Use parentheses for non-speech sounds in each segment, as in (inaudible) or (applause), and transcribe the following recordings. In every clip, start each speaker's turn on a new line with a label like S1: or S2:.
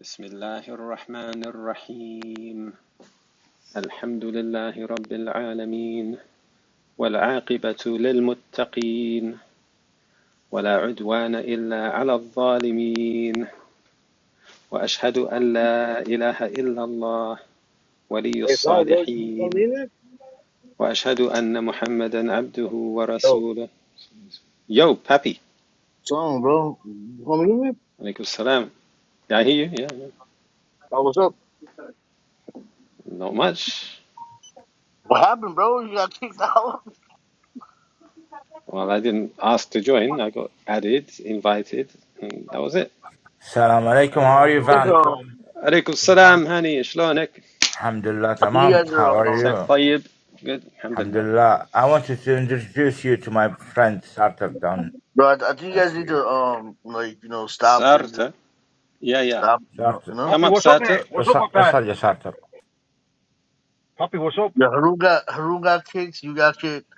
S1: بسم الله الرحمن الرحيم الحمد لله رب العالمين والعاقبة للمتقين ولا عدوان إلا على الظالمين وأشهد أن لا إله إلا الله ولي
S2: It's on, bro. You
S1: الصالحين
S2: want in there?
S1: وأشهد أن محمدا عبده
S2: Yo,
S1: ورسوله Yo, Pappy.
S2: It's on, bro. You want in there?
S1: Alaikum salam. Yeah, I hear you. Yeah, yeah.
S2: Oh, what's up?
S1: Not much.
S2: What happened, bro? You got kicked out? (laughs)
S1: Well, I didn't ask to join. I got added, invited, and that was it.
S3: Salam alaikum. How are you,
S4: Assalamu
S2: That's,
S3: Van?
S2: uh,
S4: alaikum.
S1: عليكم السلام هاني شلونك؟
S3: Alhamdulillah,
S2: I think you
S3: tamam.
S2: guys are,
S3: How are
S2: um,
S1: عساك
S3: you?
S1: طيب؟ Good الحمد لله
S3: Alhamdulillah. I wanted to introduce you to my friend Sartre down
S2: Bro, I, I think you guys
S3: if
S2: need
S3: you
S2: to um like you know stop and just
S1: سارتر Yeah, yeah.
S2: stop. You know, you
S3: Sartre.
S2: know.
S1: come
S4: Poppy,
S1: up
S4: what's up,
S1: Sarter.
S4: mate? What's up,
S3: Sar-
S4: Papa?
S3: Sartre, yeah, Sartre.
S4: Poppy, what's up?
S2: Yeah, Haru got Haru got kicked. You got kicked.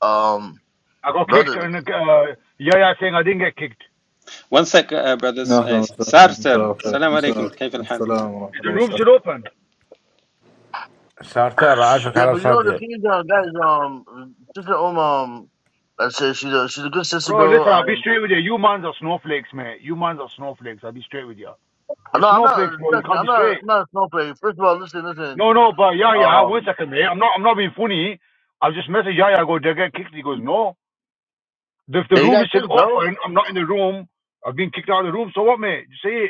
S2: Um,
S4: I got kicked,
S2: brothers.
S4: and uh, Yaya saying I didn't get kicked.
S1: one sec uh, brothers
S5: أهلا
S1: uh,
S5: وسهلا
S1: سارتر
S5: مساء الخير
S1: السلام
S5: مساء
S1: عليكم
S5: الخير.
S1: كيف الحال؟
S5: السلام ورحمة
S4: Is The
S5: الله
S4: room
S5: وبركاته
S4: still open.
S3: Sartre, أعرفك
S2: Yeah,
S3: على
S2: but you know the
S3: صدر.
S2: thing is, uh, guys. Um, sister Om. Um, I say she's a she's a good sister,
S4: Bro,
S2: bro.
S4: listen, I'll be
S2: Um,
S4: straight with you. You mans are snowflakes, mate. You mans are snowflakes. I'll be straight with you.
S2: no,
S4: You're
S2: I'm not.
S4: snowflakes, bro. You
S2: Trust me,
S4: can't
S2: I'm
S4: be
S2: not.
S4: straight.
S2: I'm not a snowflake. First of all, listen, listen.
S4: No, no, but Yaya,
S2: Um,
S4: one second, mate. I'm not, I'm not being funny. I just messaged Yaya. I go, they get kicked. He goes, no. If the
S2: Yeah, you
S4: room
S2: got
S4: is
S2: two,
S4: still
S2: bro.
S4: open, I'm not in the room. I've been kicked out of the room. So what, mate? Just say it.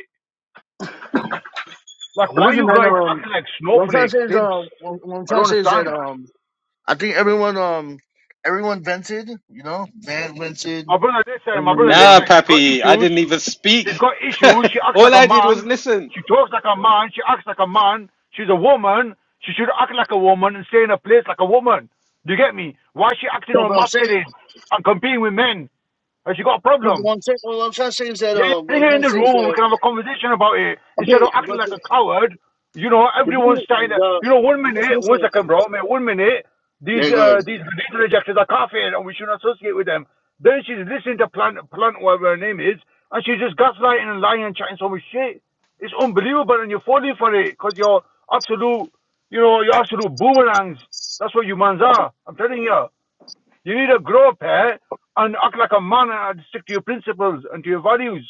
S4: Like,
S2: But
S4: why
S2: listen,
S4: you
S2: man.
S4: guys
S2: Um,
S4: acting like
S2: what I'm trying to
S4: snowflakes,
S2: say is,
S4: simps?
S2: um, what, what I'm
S4: I
S2: trying to
S4: don't
S2: say is that,
S4: understand.
S2: um, I think everyone, um, everyone vented. You know, Van vented.
S4: My brother this time, my
S2: Everyone, you
S4: brother
S2: know.
S4: this
S1: Nah
S4: time, she's got
S1: papi I
S4: issues.
S1: didn't even
S4: She's
S1: speak
S4: got issues. She
S1: (laughs)
S4: acts
S1: all
S4: like a
S1: I did was
S4: man.
S1: listen
S4: She talks like a man. She acts like a man. She's a woman. She should act like a woman and stay in her place like a woman. Do you get me? Why is she acting
S2: No,
S4: all
S2: but I'm saying.
S4: masculine and competing with men? Has she got a
S2: no, but
S4: problem?
S2: What I'm, saying, what I'm trying to say is that
S4: Yeah, yeah,
S2: um, what
S4: bring
S2: I'm
S4: her
S2: trying
S4: in
S2: to
S4: the
S2: say is
S4: room. We
S2: that
S4: can have a conversation about it instead
S2: okay,
S4: of acting
S2: but
S4: like
S2: the,
S4: a coward. You know,
S2: the,
S4: everyone's starting
S2: thing-
S4: to.
S2: the
S4: You know, one
S2: listen,
S4: minute, one
S2: listen.
S4: second, bro, man. One minute, these
S2: yeah, good.
S4: uh, these data rejectors are kafir, and we shouldn't associate with them. Then she's listening to Plant, Plant, whatever her name is, and she's just gaslighting and lying and chatting so much shit. It's unbelievable, and you're falling for it because you're absolute. You know, you're absolute boomerangs. That's what you mans are. I'm telling you. You need to grow up, here And act like a man and stick to your principles and to your values.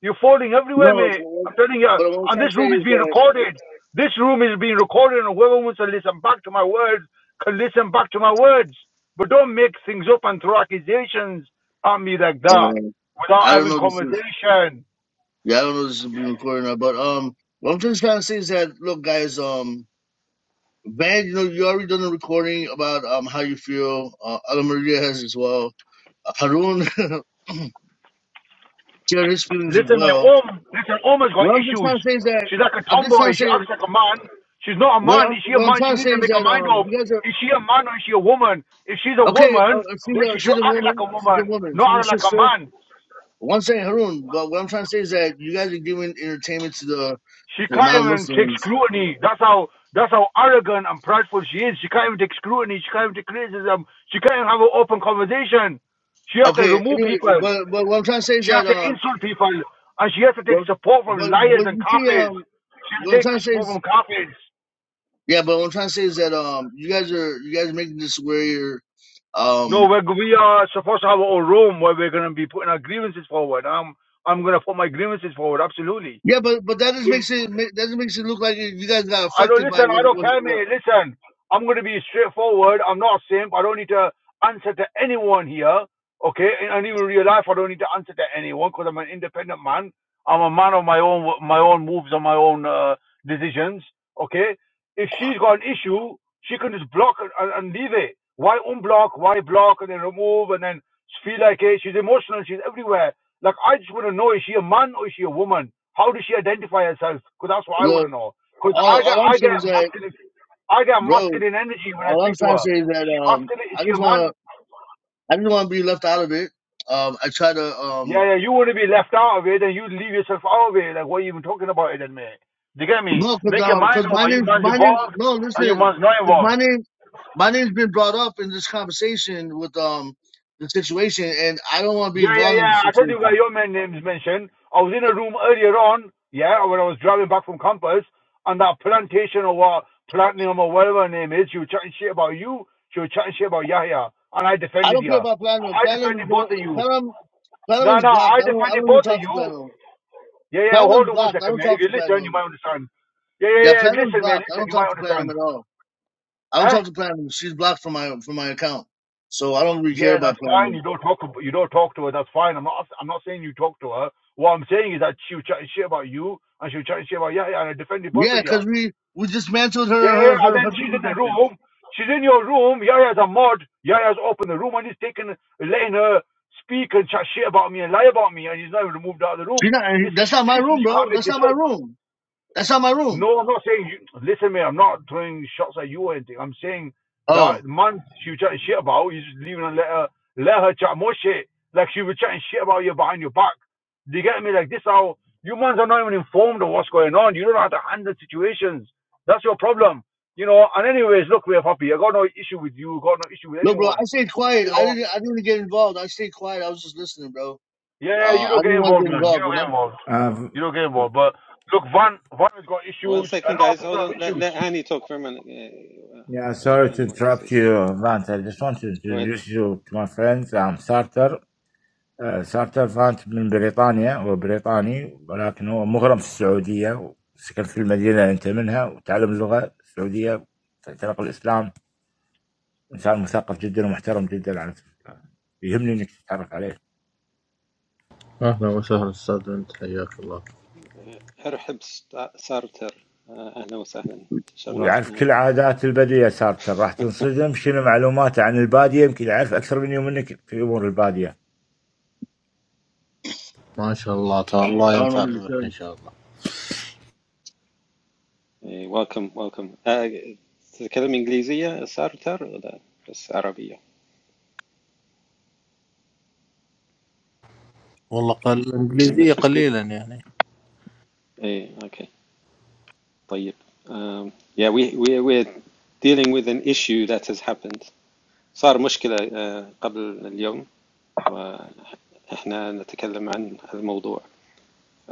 S4: You're falling everywhere,
S2: No, but
S4: mate.
S2: what
S4: I'm telling you,
S2: but what I'm
S4: and
S2: trying to
S4: this
S2: say
S4: room is
S2: is
S4: being
S2: that
S4: recorded. This room is being recorded, and whoever wants to listen back to my words can listen back to my words. But don't make things up and throw accusations at me like that
S2: Okay.
S4: without
S2: I don't
S4: having
S2: know if this is
S4: conversation.
S2: yeah, I don't know if this is being recorded or not, but um, what I'm just trying to say is that look, guys, um, Van, you know, you already done the recording about um how you feel. Uh, Ala Maria has as well. Uh, Harun (laughs) shared his feelings as
S4: Listen, mate,
S2: well.
S4: Om, listen, Om has got
S2: What I'm just trying
S4: issues.
S2: to say is that
S4: She's like a
S2: I'm just trying
S4: tomboy.
S2: to
S4: She
S2: say
S4: acts like a man. She's not a
S2: what
S4: man.
S2: I'm
S4: Is she a
S2: what I'm
S4: man? She
S2: trying to
S4: needs
S2: say
S4: to
S2: is
S4: make her
S2: that
S4: mind
S2: um
S4: up.
S2: you guys are
S4: Is she a man or is she a woman? If she's a
S2: okay. Uh,
S4: woman,
S2: uh, she's
S4: then
S2: a
S4: she
S2: she's
S4: should
S2: a
S4: act like
S2: woman.
S4: a
S2: She's a
S4: woman,
S2: woman.
S4: not
S2: She's a
S4: act like a
S2: sister.
S4: man.
S2: One saying Harun, but what I'm trying to say is that you guys are giving entertainment to the
S4: She
S2: to the
S4: can't even take
S2: non-Muslims.
S4: scrutiny. That's how that's how arrogant and prideful she is. She can't even take scrutiny. She can't even take criticism. She can't even have an open conversation. She has to
S2: Okay.
S4: remove
S2: Anyway,
S4: people.
S2: but but what I'm trying to say is
S4: She has
S2: that
S4: to
S2: um,
S4: insult people, and she has to take
S2: what,
S4: support from
S2: but
S4: liars
S2: but
S4: and
S2: you see
S4: kafirs.
S2: um,
S4: She has
S2: what
S4: to
S2: I'm
S4: take
S2: trying to say
S4: support
S2: is
S4: from kafirs.
S2: Yeah, but what I'm trying to say is that um, you guys are you guys are making this where you're
S4: No,
S2: um,
S4: we're, we are supposed to have our own room where we're going to be putting our grievances forward. I'm I'm going to put my grievances forward. Absolutely.
S2: yeah, but but that just makes it ma- that just makes it look like you you guys got
S4: I don't
S2: affected by
S4: listen. I
S2: what
S4: don't
S2: what
S4: care,
S2: what.
S4: mate. Listen, I'm going to be straightforward. I'm not a simp. I don't need to answer to anyone here. Okay, and, and even in real life, I don't need to answer to anyone because I'm an independent man. I'm a man of my own, my own moves and my own uh, decisions. Okay, if she's got an issue, she can just block and, and and leave it. Why unblock? Why block and then remove and then feel like it? She's emotional. She's everywhere. Like I just want to know: is she a man or is she a woman? How does she identify herself? Because that's what I want
S2: Look,
S4: to know. Cause
S2: all
S4: I got
S2: all I'm
S4: I
S2: saying
S4: get
S2: is that,
S4: masculine I got
S2: bro.
S4: masculine energy when I
S2: All I'm
S4: speak
S2: trying
S4: to
S2: to
S4: her.
S2: say is
S4: Is
S2: that
S4: she
S2: um,
S4: masculine? Is
S2: I
S4: she
S2: just
S4: a
S2: want
S4: man?
S2: to I just want to be left out of it. Um, I try to
S4: Yeah,
S2: um,
S4: yeah. You want to be left out of it, and you leave yourself out of it. Like what are you even talking about it, then, mate? Do you get me?
S2: no, cause
S4: Make your
S2: um, cause
S4: mind up.
S2: my
S4: Are you
S2: name
S4: man's
S2: my name
S4: involved?
S2: no,
S4: Are you
S2: listen,
S4: man's not
S2: 'cause my
S4: involved?
S2: name my name's been brought up in this conversation with um the situation, and I don't want to be
S4: Yeah, yeah,
S2: involved in the
S4: yeah. I told you
S2: situation.
S4: about your man names mentioned. I was in a room earlier on. Yeah, when I was driving back from campus, and that plantation or what platinum or whatever her name is, she was chatting shit about you. She was chatting shit about Yahya, and I
S2: I
S4: defended
S2: don't
S4: you.
S2: care about Platinum.
S4: I
S2: Platinum is
S4: defended both
S2: no
S4: of you.
S2: Platinum.
S4: No,
S2: Platinum's
S4: no,
S2: blocked.
S4: I
S2: I don't. I
S4: defended
S2: don't even
S4: both of
S2: talk to
S4: you.
S2: Platinum.
S4: Yeah, yeah, hold
S2: Platinum's
S4: on one
S2: blocked. I
S4: second,
S2: don't
S4: man. If
S2: talk
S4: you
S2: to
S4: listen, you
S2: Platinum.
S4: might understand. Yeah, yeah,
S2: Yeah,
S4: yeah.
S2: Platinum's
S4: Listen, man,
S2: blocked. I
S4: listen,
S2: don't
S4: you
S2: talk
S4: might
S2: to Platinum
S4: understand.
S2: at all. I don't
S4: Huh?
S2: talk to Platinum. She's blocked from my from my account. So I don't really care
S4: Yeah,
S2: about
S4: that's fine.
S2: Platinum.
S4: You don't talk. ab- You don't talk to her. That's fine. I'm not. I'm not saying you talk to her. What I'm saying is that she was chatting shit about you, and she was chatting shit about yeah, yeah. And I defended both
S2: Yeah,
S4: of you. Yeah,
S2: because we we dismantled her
S4: yeah. yeah.
S2: her
S4: And
S2: her
S4: then
S2: her
S4: she's
S2: dick
S4: in the
S2: detector.
S4: room. She's in your room. Yaya's a mod. Yaya's opened the room and he's taken, letting her speak and chat shit about me and lie about me, and he's not even moved out of the
S2: She
S4: room.
S2: not. eh,
S4: It's,
S2: That's not my
S4: it's
S2: room,
S4: you can't
S2: bro.
S4: make
S2: That's
S4: this
S2: not my
S4: up.
S2: room. That's not my room.
S4: No, I'm not saying you. Listen, mate, I'm not throwing shots at you or anything. I'm saying that
S2: Oh.
S4: man she was chatting shit about, you just leaving and let her let her chat more shit. Like she was chatting shit about you behind your back. Do you get me? Like this how you mans are not even informed of what's going on. You don't know how to handle situations. That's your problem. You know, and anyways, look, we're happy. I got no issue with you, got no issue with
S2: Look, bro,
S4: anyone.
S2: I stayed quiet.
S4: You
S2: I
S4: know.
S2: didn't. I didn't get involved. I stayed quiet. I was just listening, bro.
S4: Yeah, yeah,
S2: Uh,
S4: you
S2: I
S4: don't get
S2: didn't want to
S4: involved,
S2: get
S4: man. You
S2: involved, you
S4: don't get
S2: know.
S4: involved.
S3: Um,
S4: You don't get involved. But look, Van Van has got
S1: one
S4: issues. A
S1: second
S4: lot of
S1: guys
S4: people
S1: hold
S4: have
S1: on let,
S4: issues.
S1: let Hani talk for a minute uh, uh,
S3: yeah,
S1: sorry
S3: sorry to
S1: Hani wanted to say
S3: interrupt
S1: something
S3: you, Vant. I just want to
S1: go ahead bro
S3: introduce you to my friends. I'm Sartre. Uh, Sartre Vant من بريطانيا هو بريطاني ولكن هو مغرم في السعودية وسكن في المدينة اللي أنت منها وتعلم اللغة السعودية في طريق الإسلام انسان مثقف جدا ومحترم جدا على فكرة. يهمني انك تتعرف عليه
S5: اهلا وسهلا استاذ انت حياك الله
S1: ارحب ست- سارتر آه، اهلا وسهلا
S3: ويعرف
S1: تشرفنا
S3: كل عادات الباديه صارت راح تنصدم شنو معلوماته عن الباديه يمكن يعرف اكثر مني ومنك في امور الباديه.
S5: ما شاء الله تعالى الله
S2: I don't know
S5: ينفع
S2: what you're saying.
S5: بروحي ان شاء الله
S1: إيه، welcome welcome آه، تتكلم إنجليزية سارتر ولا بس عربية
S5: والله قل الانجليزيه
S1: English is good
S5: قليلا يعني
S1: إيه okay طيب um, yeah we we we're dealing with an issue that has happened صار مشكلة آه، قبل اليوم وإحنا نتكلم عن هذا الموضوع ف-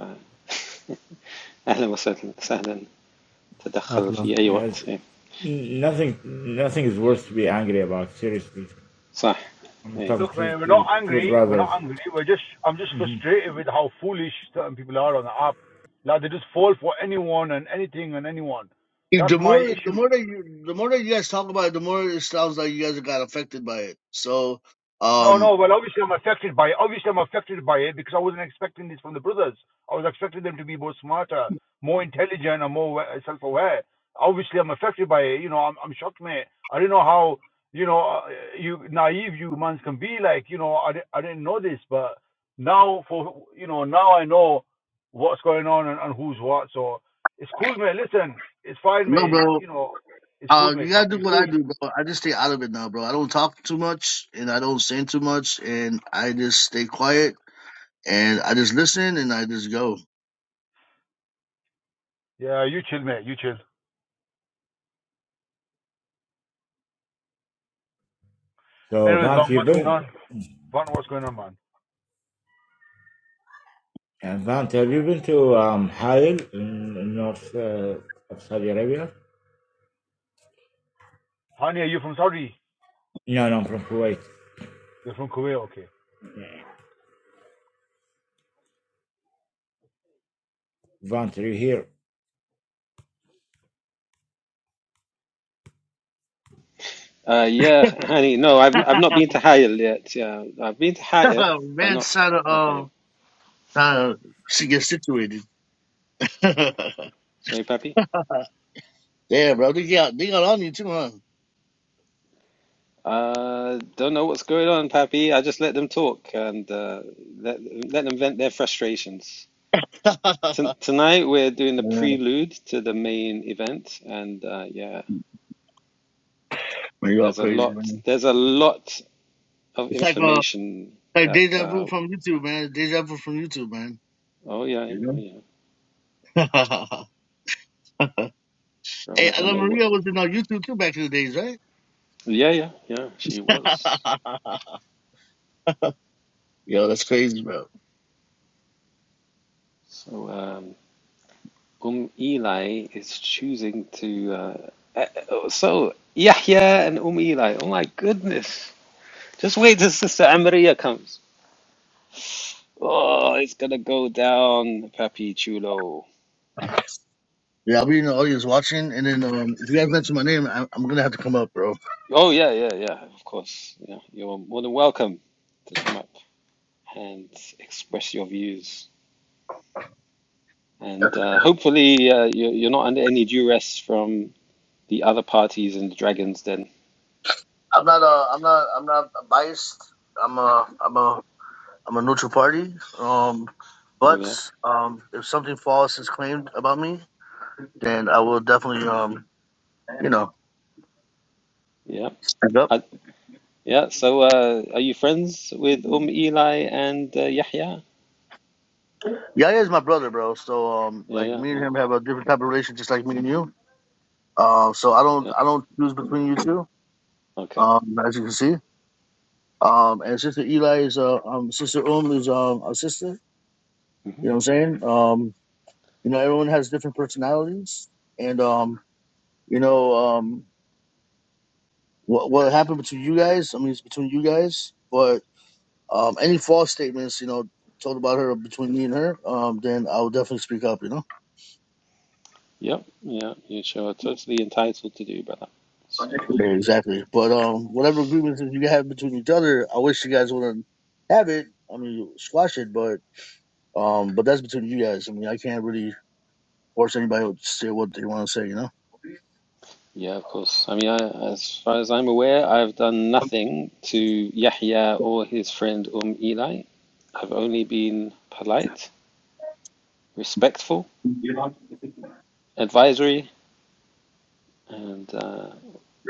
S1: (laughs) أهلا وسهلا سهلا تدخل
S5: اهلا
S1: في أي وقت إيه.
S3: nothing nothing is worth to be angry about seriously.
S1: صح
S3: I'm
S1: إيه.
S3: talking
S4: Look,
S3: to,
S4: man, we're
S3: to
S4: not
S3: two
S4: angry. We're not
S3: brothers.
S4: angry. We're just, I'm just
S3: Mm-hmm.
S4: frustrated with how foolish certain people are on the app. Like they just fall for anyone and anything and anyone.
S2: You-
S4: That's
S2: The
S4: my
S2: more, the
S4: issue.
S2: more that you, the more that you guys talk about it, the more it sounds like you guys got affected by it. So,
S4: No,
S2: um,
S4: no. Well, obviously I'm affected by it. obviously I'm affected by it because I wasn't expecting this from the brothers. I was expecting them to be more smarter, more intelligent, and more self-aware. Obviously, I'm affected by it. You know, I'm, I'm shocked, mate. I didn't know how you know uh, you naive you humans can be. Like, you know, I, di- I didn't know this, but now for you know now I know what's going on and, and who's what. So it's cool, mate. Listen, it's fine,
S2: no,
S4: mate.
S2: bro,
S4: You know, it's cool,
S2: uh, you
S4: mate. Papi,
S2: gotta do
S4: it's
S2: what I
S4: cool.
S2: do, bro. I just stay out of it now, bro. I don't talk too much, and I don't sing too much, and I just stay quiet, and I just listen, and I just go.
S4: Yeah, you chill, mate. You chill.
S3: So
S4: Anyways,
S3: Vant, you've
S4: what's
S3: been
S4: going on? Vaughn, what's going on, man?
S3: and Vant, have you been to um, Halil in, in north uh, of Saudi Arabia?
S4: Hani, are you from Saudi?
S3: No, no, I'm from Kuwait.
S4: You're from Kuwait, okay.
S3: Vant, are you here?
S1: Uh, yeah, honey. No, I've
S2: (laughs)
S1: I've not been to Higher yet. Yeah, I've been to Higher, but
S2: Man,
S1: not
S2: trying to
S1: not Higher.
S2: um, trying to get situated. (laughs)
S1: Sorry, Pappy.
S2: yeah, bro, they got they got on you too, huh?
S1: Uh, don't know what's going on, Pappy. I just let them talk and uh, let let them vent their frustrations. T
S2: (laughs)
S1: tonight we're doing the
S2: Yeah, man,
S1: prelude to the main event, and uh, yeah,
S2: you all
S1: there's a
S2: crazy,
S1: lot.
S2: man.
S1: There's a lot of
S2: It's like uh,
S1: information
S2: Like
S1: that.
S2: deja vu
S1: Uh,
S2: from YouTube, man. Deja vu from YouTube, man.
S1: oh yeah, yeah, oh
S2: You
S1: yeah.
S2: know? (laughs)
S1: Bro,
S2: hey,
S1: I don't
S2: Ala
S1: know what.
S2: Maria was in our YouTube too back in the days, right?
S1: Yeah, yeah, yeah. She was.
S2: (laughs) Yo, that's crazy, bro.
S1: So um, Um Eli is choosing to. Uh, uh, so Yahya and Um Eli. Oh my goodness. Just wait till Sister Amaria comes. Oh, it's gonna go down, Papi Chulo.
S2: Yeah, I'll be in the audience watching, and then um, if you guys mention my name, I- I'm gonna have to come up, bro.
S1: Oh yeah, yeah, yeah. Of course. Yeah, you're more than welcome to come up and express your views.
S2: (laughs)
S1: And uh, hopefully, uh, you're, you're not under any duress from the other parties in the Dragons Den.
S2: I'm not, uh, I'm not, I'm not biased. I'm a, I'm a, I'm a neutral party. Um,
S1: Oh
S2: but
S1: yeah,
S2: um, if something false is claimed about me, then I will definitely, um, you know,
S1: yeah,
S2: stand up.
S1: I, yeah. So, uh, are you friends with Um Eli and uh, Yahya?
S2: Yaya is my brother, bro. So um,
S1: Yeah,
S2: like
S1: yeah,
S2: me and
S1: yeah,
S2: him have a different type of relationship, just like me and you. Um, so I don't
S1: yeah.
S2: I don't choose between you two.
S1: Okay.
S2: Um, as you can see. Um, and sister Eli is uh, um, sister Um is um a sister.
S1: Mm-hmm.
S2: You know what I'm saying? Um, you know everyone has different personalities, and um, you know um, what what happened between you guys? I mean, it's between you guys. But um, any false statements, you know, told about her between me and her, um, then I will definitely speak up. You know.
S1: Yep, yeah, you sure are totally entitled to do, brother. So, uh,
S2: Yeah,
S1: yeah,
S2: exactly. But um, whatever agreements that you have between each other, I wish you guys wouldn't have it. I mean, squash it, but um, but that's between you guys. I mean, I can't really force anybody to say what they want to say, you
S1: Yeah, of course. I mean, I, as far as I'm aware, I've done nothing to Yahya or his friend Um Eli. I've only been polite, respectful,
S2: know.
S1: advisory, and uh,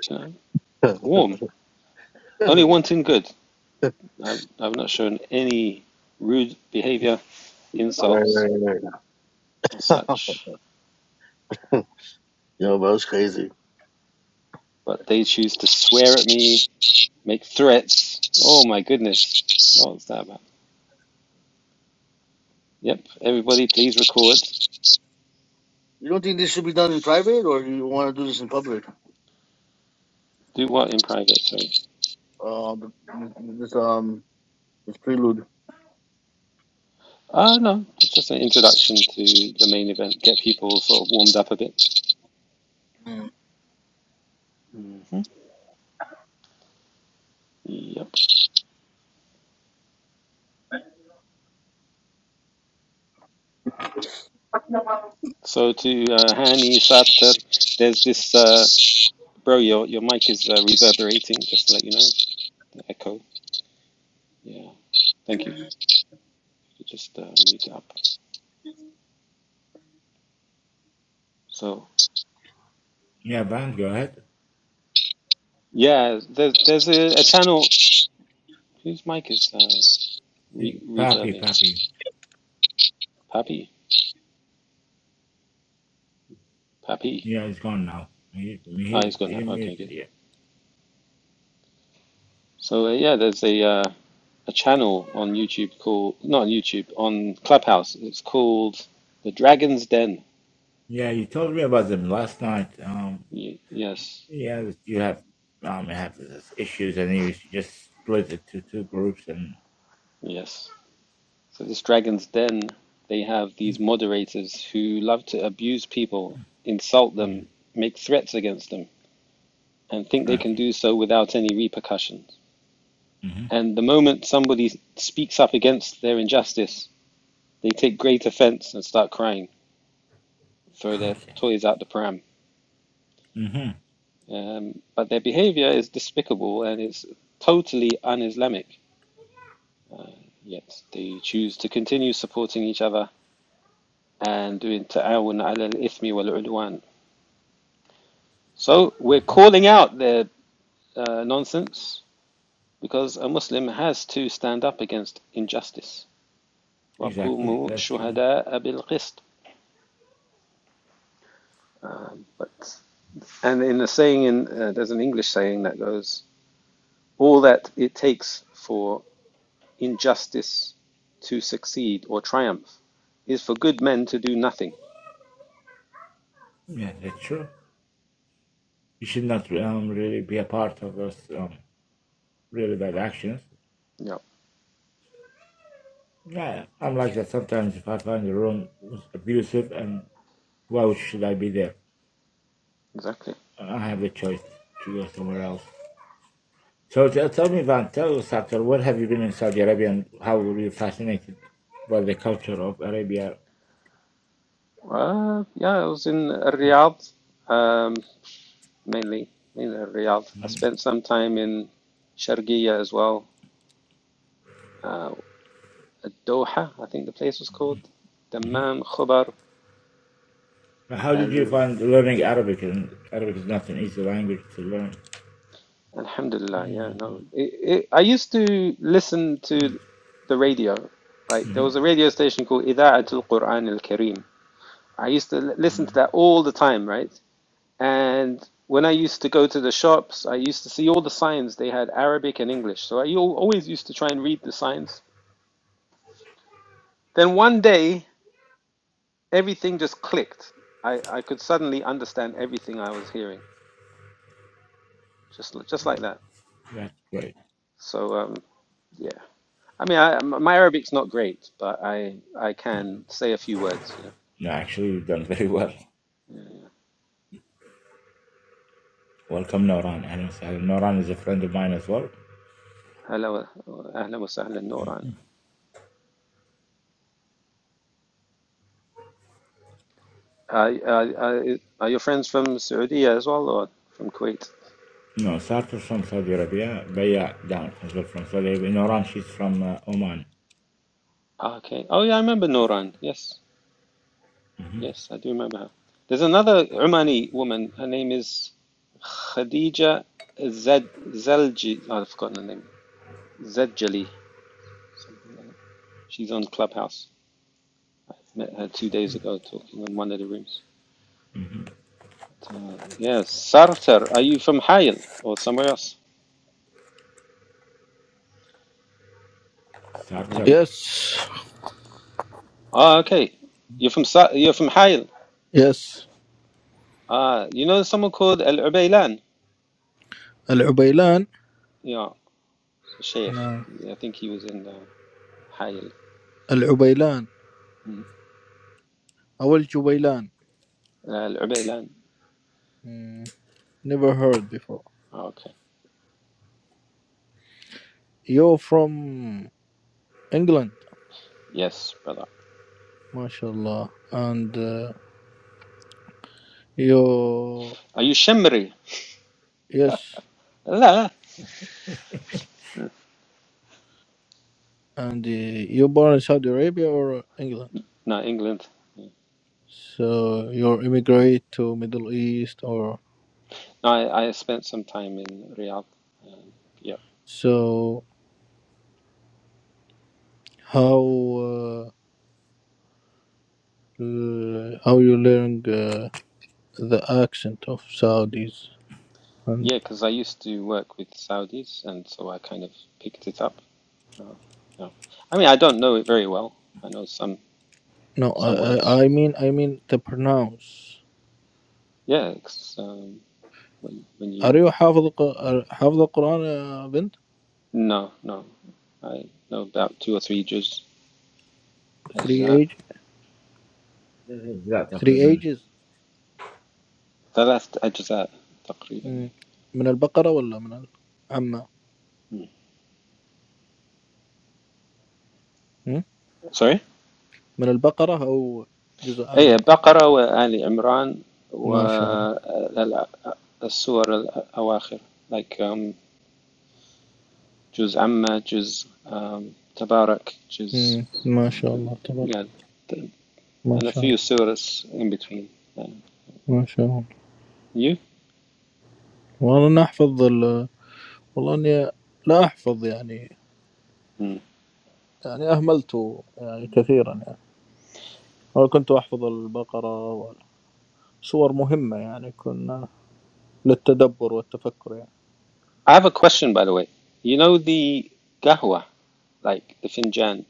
S1: you know,
S2: (laughs) right,
S1: warm. Only wanting good. I've, I've not shown any rude behavior, insults,
S2: right,
S1: or
S2: right.
S1: such.
S2: (laughs) Yo, bro, it's crazy.
S1: But they choose to swear at me, make threats. Oh my goodness, what was that Yep. Everybody, please record.
S2: You don't think this should be done in private, or you want to do this in public?
S1: Do what in private? Sorry.
S2: Um, this um, this prelude.
S1: Ah, uh, no. It's just an introduction to the main event. Get people sort of warmed up a bit. Mm-hmm. Yep. So to uh, Hani Sarter, there's this uh, bro. Your your mic is uh, reverberating. Just to let you know, the echo. Yeah. Thank you. Just uh, mute it up. So
S3: Yeah, Vant, go ahead.
S1: yeah, there's there's a, a channel whose mic is uh, re
S3: See, Papi,
S1: reverbing.
S3: Papi.
S1: Pappy. Pappy.
S3: Yeah, he's gone now. He,
S1: Ah, oh,
S3: he,
S1: it's gone
S3: he
S1: now. Okay, good.
S3: muted you.
S1: So uh, yeah, there's a uh, a channel on YouTube called not on YouTube on Clubhouse. It's called the Dragon's Den.
S3: Yeah, you told me about them last night. Um,
S1: Y- yes,
S3: yeah, that you have um have this issues, and you just split it to two groups, and
S1: yes. So this Dragon's Den, they have these moderators who love to abuse people, insult
S3: Mm.
S1: them, make threats against them, and think they can
S3: okay,
S1: do so without any repercussions.
S3: hmm
S1: And the moment somebody speaks up against their injustice, they take great offense and start crying, throw their
S3: okay,
S1: toys out the pram.
S3: hmm
S1: Um, but their behavior is despicable and it's totally un-Islamic. Uh, yet they choose to continue supporting each other and doing ta'awun ala al-ithmi wal-udwan. So we're calling out their uh, nonsense because a Muslim has to stand up against injustice.
S3: exactly.
S1: وَقُومُوا
S3: That's true.
S1: شُهَدَاءَ بِالْقِسْطِ um, but and in the saying in uh, there's an English saying that goes all that it takes for in justice to succeed or triumph is for good men to do nothing.
S3: Yeah, that's true. You should not um really be a part of those um really bad actions.
S1: Yeah,
S3: Yeah, I'm like that sometimes. If I find the room was abusive, and why should I be there?
S1: exactly.
S3: I have the choice to go somewhere else. So tell, me, Van, tell us after where have you been in Saudi Arabia and how were you fascinated by the culture of Arabia?
S1: Uh, yeah, I was in Riyadh, um, mainly, mainly Riyadh. I spent some time in Sharqiya as well. Uh, Doha, I think the place was called. Dammam, Khobar,
S3: How did you
S1: Al-
S3: find learning Arabic? And Arabic is not an easy language to learn.
S1: Alhamdulillah. Yeah, no. It, it, I used to listen to the radio. Like, there was a radio station called Ida'at al-Quran al-Kareem I used to listen to that all the time, right? And when I used to go to the shops, I used to see all the signs. They had Arabic and English. So I always used to try and read the signs. Then one day, everything just clicked. I, I could suddenly understand everything I was hearing, just just like that.
S3: That's great.
S1: So um, yeah, I mean, I, m- my Arabic's not great, but I I can say a few words. You
S3: No, actually, you've done very well.
S1: know,
S3: Welcome, Noran. Ahlan wa Noran is a friend of mine as well.
S1: Hello, wa- ahlan wa sahlan, Noran. are, are are your friends from Saudi as well, or from Kuwait?
S3: No, Sartor's from Saudi Arabia. Baya down as well from Saudi Arabia. Noran, she's from uh, Oman.
S1: Okay. Oh, yeah, I remember Noran. Yes, yes, I do remember her. There's another Omani woman. Her name is Khadija Zed Zelji. oh, I've forgotten her name. Zedjali, something like that. She's on Clubhouse. I met her two days ago talking in one of the rooms. But, uh, yeah, Sartar, are you from Hayel or somewhere else?
S3: Sartor.
S1: Maybe.
S5: يس
S1: Ah, okay. You're from Sa- you're from Hayel.
S5: يس
S1: Ah, you know someone called Al Ubaylan?
S5: العبيلان
S1: Yeah, it's a Sheikh.
S5: نعم
S1: I think he was in uh, Hayel.
S5: العبيلان او الجبيلان
S1: Uh, Al-Ubaylan.
S5: مم. never heard before
S1: Okay.
S5: you're from England
S1: Yes, brother.
S5: ما شاء الله and uh, you
S1: Are you Shimri?
S5: yes
S1: La.
S5: and uh, you born in Saudi Arabia or England
S1: No, England.
S5: So you immigrate to Middle East or
S1: No, I, I spent some time in Riyadh. Yeah.
S5: so how uh, l- how you learn uh, the accent of Saudis and
S1: Yeah, because I used to work with Saudis, and so I kind of picked it up. Uh, yeah. I mean, I don't know it very well. I know some
S5: no I,
S1: some words.
S5: I I mean I mean the pronounce
S1: Yeah, it's, um, when, when
S5: are
S1: you...
S5: you حافظ الق- are- حافظ القرآن يا بنت
S1: No, no. I know about two or three juz.
S5: three
S1: Ajza.
S5: age three
S1: But
S5: ages
S1: the ثلاث أجزاء تقريبا.
S5: مم. من البقرة ولا من ال- عمة مم؟
S1: sorry.
S5: من البقرة أو جزء
S1: أي
S5: عمة
S1: بقرة وآل عمران
S5: ما شاء الله
S1: والسور الأواخر like um, جزء عمة جزء um, تبارك جزء
S5: مم. ما شاء
S1: uh,
S5: الله تبارك
S1: yeah th-
S5: ما
S1: and a
S5: شاء
S1: few
S5: الله
S1: surahs in between yeah.
S5: ما شاء الله
S1: you
S5: والله أنا أحفظ ال... والله إني لا أحفظ يعني
S1: Hmm.
S5: يعني أهملته يعني كثيرا يعني أنا كنت أحفظ البقرة وسور مهمة يعني كنا للتدبر والتفكر يعني
S1: I have a question by the way you know the qahwa like the finjan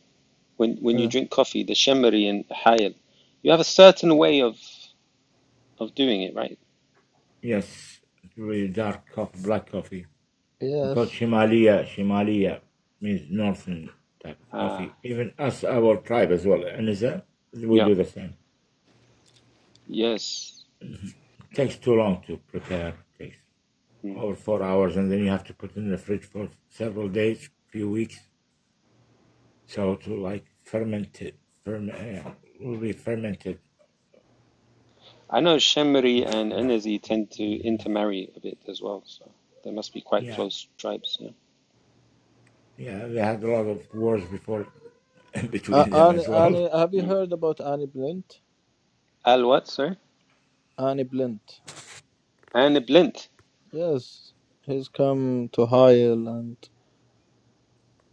S1: when when you
S5: إيه.
S1: drink coffee the Shemri and hayal you have a certain way of of doing it right
S3: Yes, it's really dark coffee, black coffee. We call it
S5: Yes
S3: Shimalia. Shimalia means northern type of
S1: ah
S3: coffee. Even us, our tribe as well, and is that we
S1: yeah
S3: do the same.
S1: yes
S3: It takes too long to prepare. It takes
S1: Hmm.
S3: over four hours, and then you have to put it in the fridge for several days, few weeks, so to like ferment it. Ferment uh, will be fermented.
S1: I know Shemri and Enezi tend to intermarry a bit as well, so they must be quite
S3: Yeah,
S1: close tribes. Yeah.
S3: yeah. They had a lot of wars before (laughs)
S5: A-
S3: between them as
S5: Annie
S3: well.
S5: Annie have you
S1: Mm.
S5: heard about Annie Blint
S1: Al what, sir?
S5: Annie Blint
S1: Aniblint.
S5: Yes he's come to Heil and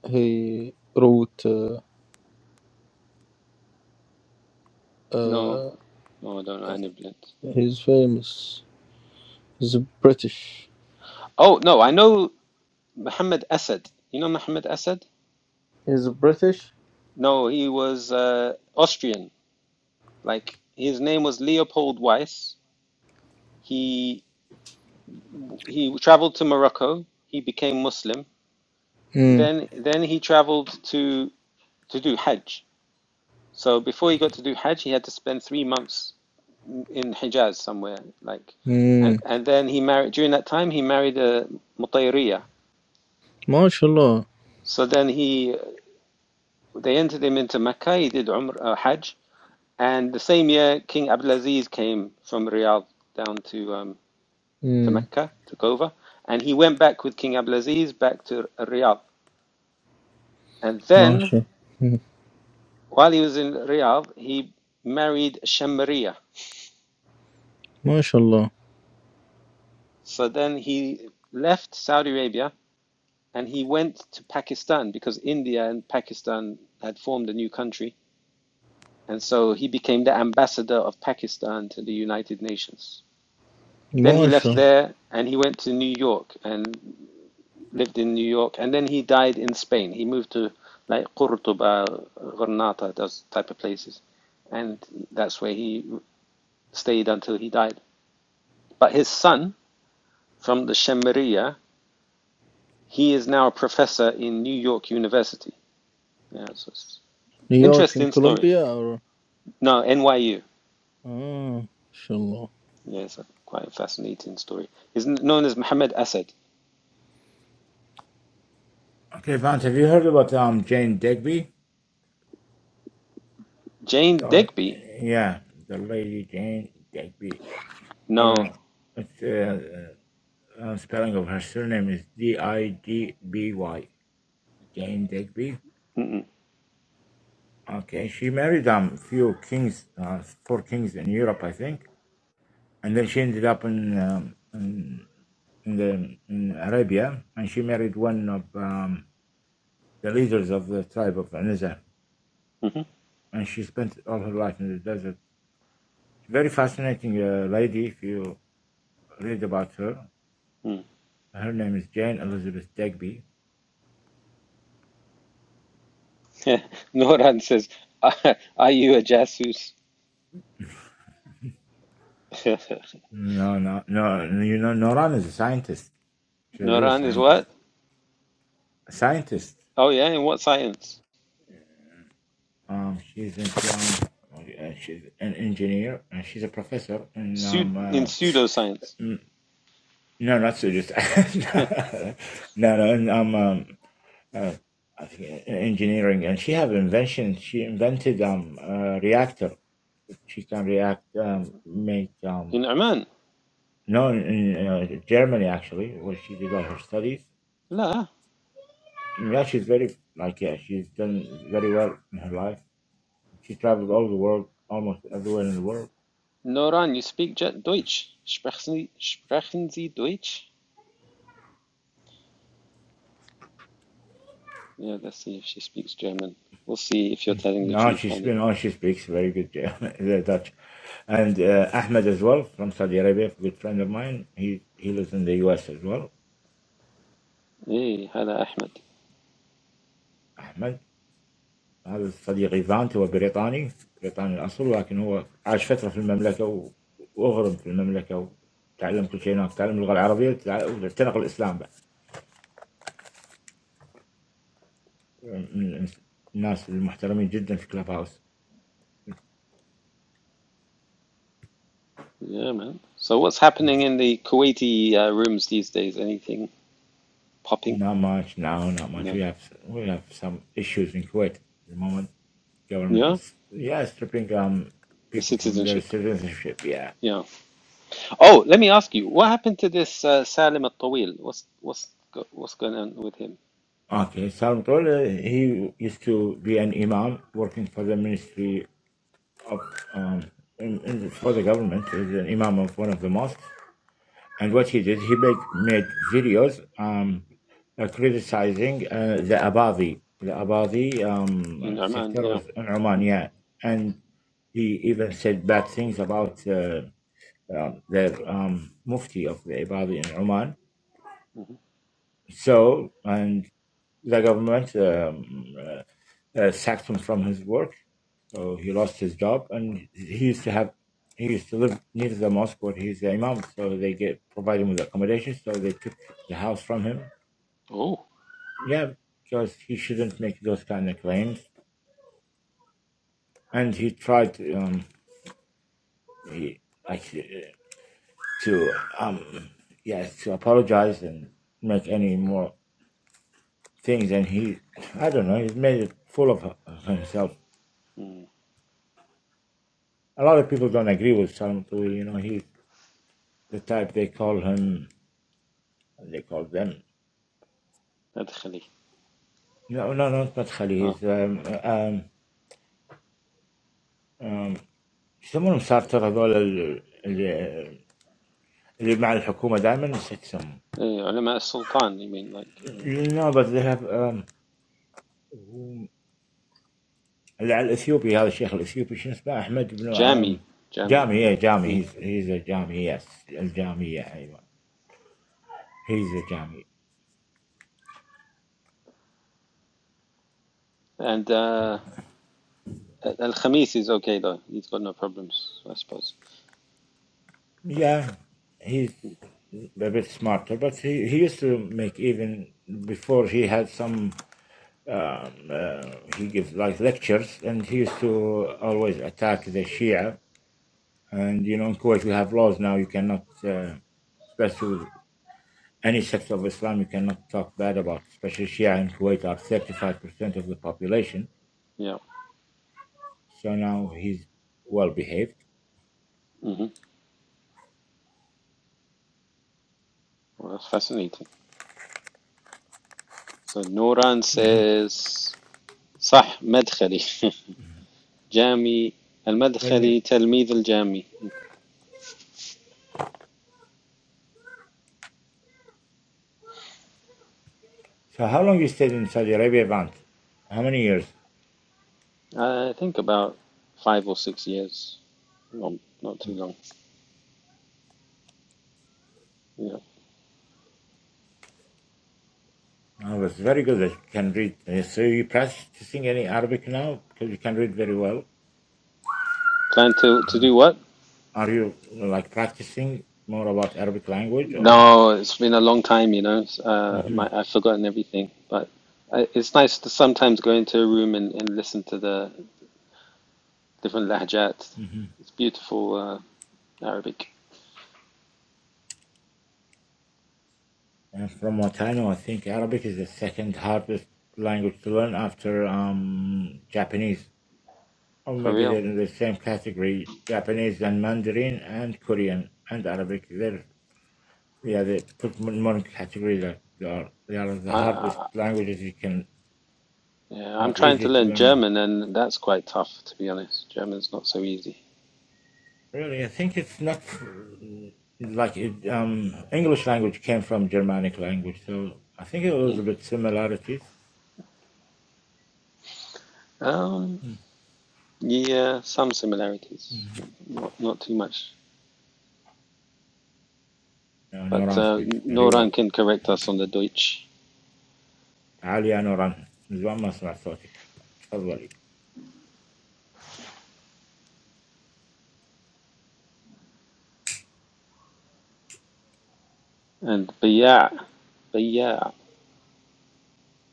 S5: he wrote
S1: No,
S5: uh,
S1: no, I don't know Aniblint.
S5: he's famous he's British
S1: Oh no, I know Muhammad Asad. You know Muhammad Asad?
S5: he's British
S1: No, he was uh, Austrian. Like his name was Leopold Weiss. He he traveled to Morocco. He became Muslim.
S5: mm.
S1: Then then he traveled to to do Hajj. So before he got to do Hajj, he had to spend three months in Hijaz somewhere. Like, and,
S5: Mm.
S1: and then he married during that time he married a Mutayriya.
S5: ما شاء الله
S1: So then he they entered him into Mecca. He did Umrah uh, Hajj, and the same year King Abdulaziz came from Riyadh down to um, to
S5: Hmm.
S1: Mecca, took over, and he went back with King Abdulaziz back to Riyadh. And
S5: ما
S1: then
S5: شاء مم.
S1: while he was in Riyadh, he married Shamariya.
S5: ما شاء الله
S1: So then he left Saudi Arabia and he went to Pakistan because India and Pakistan had formed a new country. And so he became the ambassador of Pakistan to the United Nations. Then he
S5: ما
S1: left
S5: شاء
S1: there and he went to New York and lived in New York. And then he died in Spain. He moved to like Qurtuba, Granada, those type of places. And that's where he stayed until he died. But his son from the Shemariya, he is now a professor in New York University. Yeah, so it's an
S5: نيويورك in
S1: interesting story.
S5: Columbia or
S1: No, NYU.
S5: آه ما شاء الله
S1: Yeah, it's a quite a fascinating story. He's known as Muhammad Asad.
S3: Okay, Vance, have you heard about um Jane Digby?
S1: Jane
S3: Oh,
S1: Digby?
S3: yeah, the lady Jane Digby. I don't
S1: No.
S3: know. It's, uh, uh, uh, spelling of her surname is D I G B Y. Jane Digby.
S1: Mm-mm.
S3: Okay, she married um few kings, uh, four kings in Europe, I think, and then she ended up in um, in, in the in Arabia, and she married one of um, the leaders of the tribe of Anizar,
S1: Mm-hmm.
S3: and she spent all her life in the desert. Very fascinating uh, lady. If you read about her,
S1: Mm.
S3: Her name is Jane Elizabeth Degby.
S1: (laughs) Noran says, Are are you a jasus? (laughs)
S3: No, no, no. You know, Noran is a scientist. She's a real
S1: Noran is
S3: scientist.
S1: what?
S3: A scientist.
S1: Oh, yeah, in what science?
S3: Um, she's in, um, uh, she's an engineer and she's a professor. And
S1: Pseud
S3: um,
S1: in
S3: uh,
S1: pseudoscience.
S3: no, not so just (laughs)
S1: (laughs)
S3: no, no. And um, um uh, I think uh, engineering. And she have invention. She invented um a reactor. She can react, um, make um.
S1: In Oman?
S3: No, in uh, Germany actually, where she did all her studies
S1: La.
S3: Yeah, she's very like yeah, she's done very well in her life. She travels all the world, almost everywhere in the world.
S1: Noran, you speak Ja-, Deutsch. Sprechen Sie, sprechen Sie Deutsch? Yeah, let's see if she speaks German. We'll see if you're telling the
S3: Now
S1: truth,
S3: she's
S1: honey.
S3: been on. She speaks very good uh, (laughs) Dutch, and uh, Ahmed as well from Saudi Arabia, a good friend of mine. He he lives in the U.S. as well.
S1: Hey, hello, Ahmed.
S3: أحمد هذا صديقي فانت هو بريطاني بريطاني الأصل لكن هو عاش فترة في المملكة و- وأغرب في المملكة وتعلم كل شيء هناك تعلم اللغة العربية وتع- واعتنق الإسلام بعد من الناس المحترمين جدا في كلاب هاوس
S1: Yeah, man. So what's happening in the Kuwaiti uh, rooms these days? Anything popping?
S3: Not much now, not much.
S1: No.
S3: We have we have some issues in Kuwait at the moment. Government
S1: Yeah,
S3: is yeah stripping um
S1: the
S3: people from their
S1: citizenship.
S3: citizenship. Yeah.
S1: Yeah. Oh, let me ask you, what happened to this uh, Salim Al-Tawil? What's what's go, what's going on with him
S3: Okay. Salvatore uh, he used to be an imam working for the ministry of um in, in, for the government. He's an imam of one of the mosques. And what he did, he made, made videos um, uh, criticizing uh, the Abadi, the Abadi
S1: in
S3: um,
S1: Oman?
S3: sector
S1: Yeah.
S3: was in Oman, yeah. And he even said bad things about uh, um, the um, Mufti of the Abadi in Oman.
S1: hmm
S3: So, and the government um, uh, uh, sacked him from his work. So he lost his job, and he used to have he used to live near the mosque where he's the imam. So they get provide him with accommodation. So they took the house from him.
S1: Oh.
S3: Yeah, because he shouldn't make those kind of claims. And he tried to um he, like uh, to um yeah to apologize and make any more things. And he I don't know he's made it full of, himself.
S1: Mm.
S3: A lot of people don't agree with Salam Tui. You know he's the type they call him. They call them.
S1: أدخلي.
S3: No, no, no. He's smarter.
S1: Ah.
S3: He's um um um. They call him smarter. Those the the the with the government. Always he's some.
S1: Uh, علماء السلطان. You mean like uh,
S3: The nobles have um. The Ethiopian, this Sheikh Ethiopian, is named Ahmed bin um.
S1: Jami? Jami.
S3: Jamie, yeah, Jamie.
S1: Mm.
S3: He's he's a Jamie. Yes, the Jamie.
S1: And uh, Al Khamis is okay though. He's got no problems, I suppose.
S3: Yeah, he's a bit smarter, but he he used to make even before he had some. um, uh, he gives like lectures and he used to always attack the Shia. And you know, in Kuwait, we have laws now. You cannot, uh, especially any sect of Islam, you cannot talk bad about. Especially Shia in Kuwait are 35% of the population.
S1: Yeah.
S3: So now he's well behaved.
S1: hmm Well, that's fascinating. So Nuran says, صح مدخلي (laughs) جامي
S3: Tell me,
S1: المدخلي تلميذ الجامي.
S3: so how long you stayed in Saudi Arabia, Vant? How many years?
S1: (laughs) I think about five or six years. well, not too long. Yeah.
S3: I was very good I can read. Uh, So you practice any Arabic now because you can read very well.
S1: Plan to, to do what?
S3: Are you like practicing more about Arabic language or?
S1: No, it's been a long time, you know. Uh,
S3: hmm
S1: my, I've forgotten everything. But I, it's nice to sometimes go into a room and, and listen to the different lahjat.
S3: hmm
S1: It's beautiful uh, Arabic.
S3: And from what I know, I think Arabic is the second hardest language to learn after um, Japanese, or
S1: For
S3: maybe they're
S1: real.
S3: in the same category: Japanese and Mandarin and Korean and Arabic. They're yeah, they put more in category that they are they are the hardest
S1: I,
S3: languages you can
S1: Yeah, I'm
S3: not
S1: trying to
S3: easy to
S1: learn
S3: learn.
S1: German, and that's quite tough, to be honest. German's not so easy.
S3: Really, I think it's not like it, um, English language came from Germanic language, so I think it was a
S1: Mm.
S3: bit similarities.
S1: Um, yeah, some similarities, not not too much.
S3: No,
S1: But
S3: نوران
S1: uh,
S3: speaks very well.
S1: Noran can correct us on the Deutsch.
S3: تعالي يا نوران من زمان ما سمعت صوتك تفضلي.
S1: And but yeah, but yeah,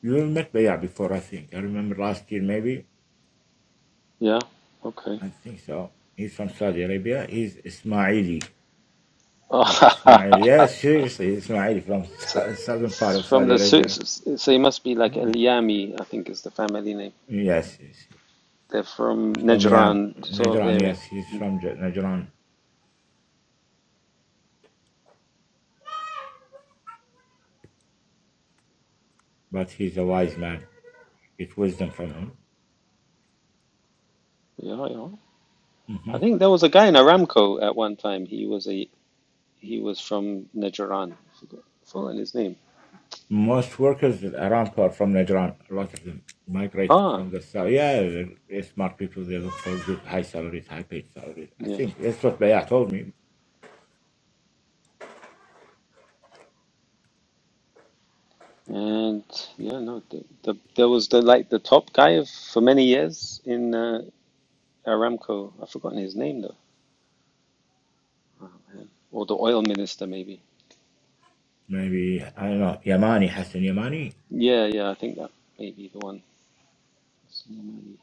S3: You met Bayat before, I think. I remember last year, maybe.
S1: yeah, okay.
S3: I think so. He's from Saudi Arabia. He's Ismaili. He's
S1: Oh,
S3: Ismaili. Yes, seriously, he's Ismaili from (laughs)
S1: (laughs) so
S3: sou- southern part
S1: it's
S3: of
S1: from
S3: Saudi
S1: the Su-
S3: Arabia.
S1: so it must be like
S3: Hmm.
S1: Eliami, I think is the family name.
S3: Yes, yes.
S1: They're from
S3: From yeah,
S1: Najran sort of
S3: Najran.
S1: area.
S3: Yes, he's
S1: Mm.
S3: from J- Najran. but he's a wise man. Get wisdom from him.
S1: Yeah, yeah. I
S3: hmm
S1: think there was a guy in Aramco at one time. He was a He was from Najran. I Forgot forgotten his name.
S3: Most workers in Aramco are from Najran. A lot of them migrated
S1: Ah,
S3: from the south. Yeah, they're smart people. They look for good high salaries, high paid salaries. I
S1: yeah.
S3: think that's what Bayat told me.
S1: And yeah, no, the, the there was the like the top guy of, for many years in uh, Aramco. I've forgotten his name though. Oh, man. Or the oil minister maybe.
S3: Maybe, I don't know, Yamani, Hassan Yamani?
S1: Yeah, yeah, I think that may be the one. Soleimani.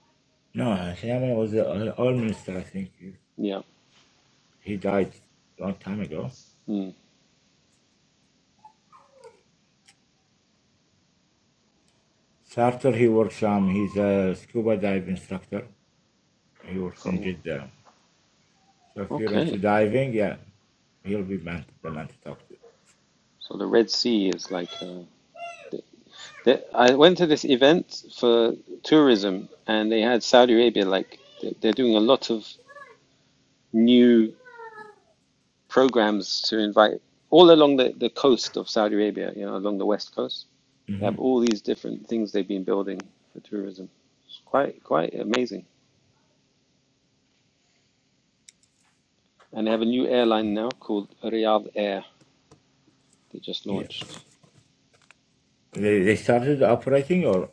S3: No, Hassan Yamani was the oil minister, I think. He
S1: Yeah.
S3: he died a long time ago.
S1: Mm.
S3: Sartor, he works, um, he's a scuba dive instructor. He works in
S1: So
S3: Jeddah. So if you're
S1: okay.
S3: into diving, yeah, he'll be man, the man to talk to.
S1: So the Red Sea is like uh, the, the, I went to this event for tourism, and they had Saudi Arabia like they- they're doing a lot of new programs to invite all along the, the coast of Saudi Arabia, you know, along the west coast. They
S3: hmm
S1: have all these different things they've been building for tourism. It's quite quite amazing. And they have a new airline now called Riyadh Air. They just
S3: Yeah.
S1: launched.
S3: They, they started operating or?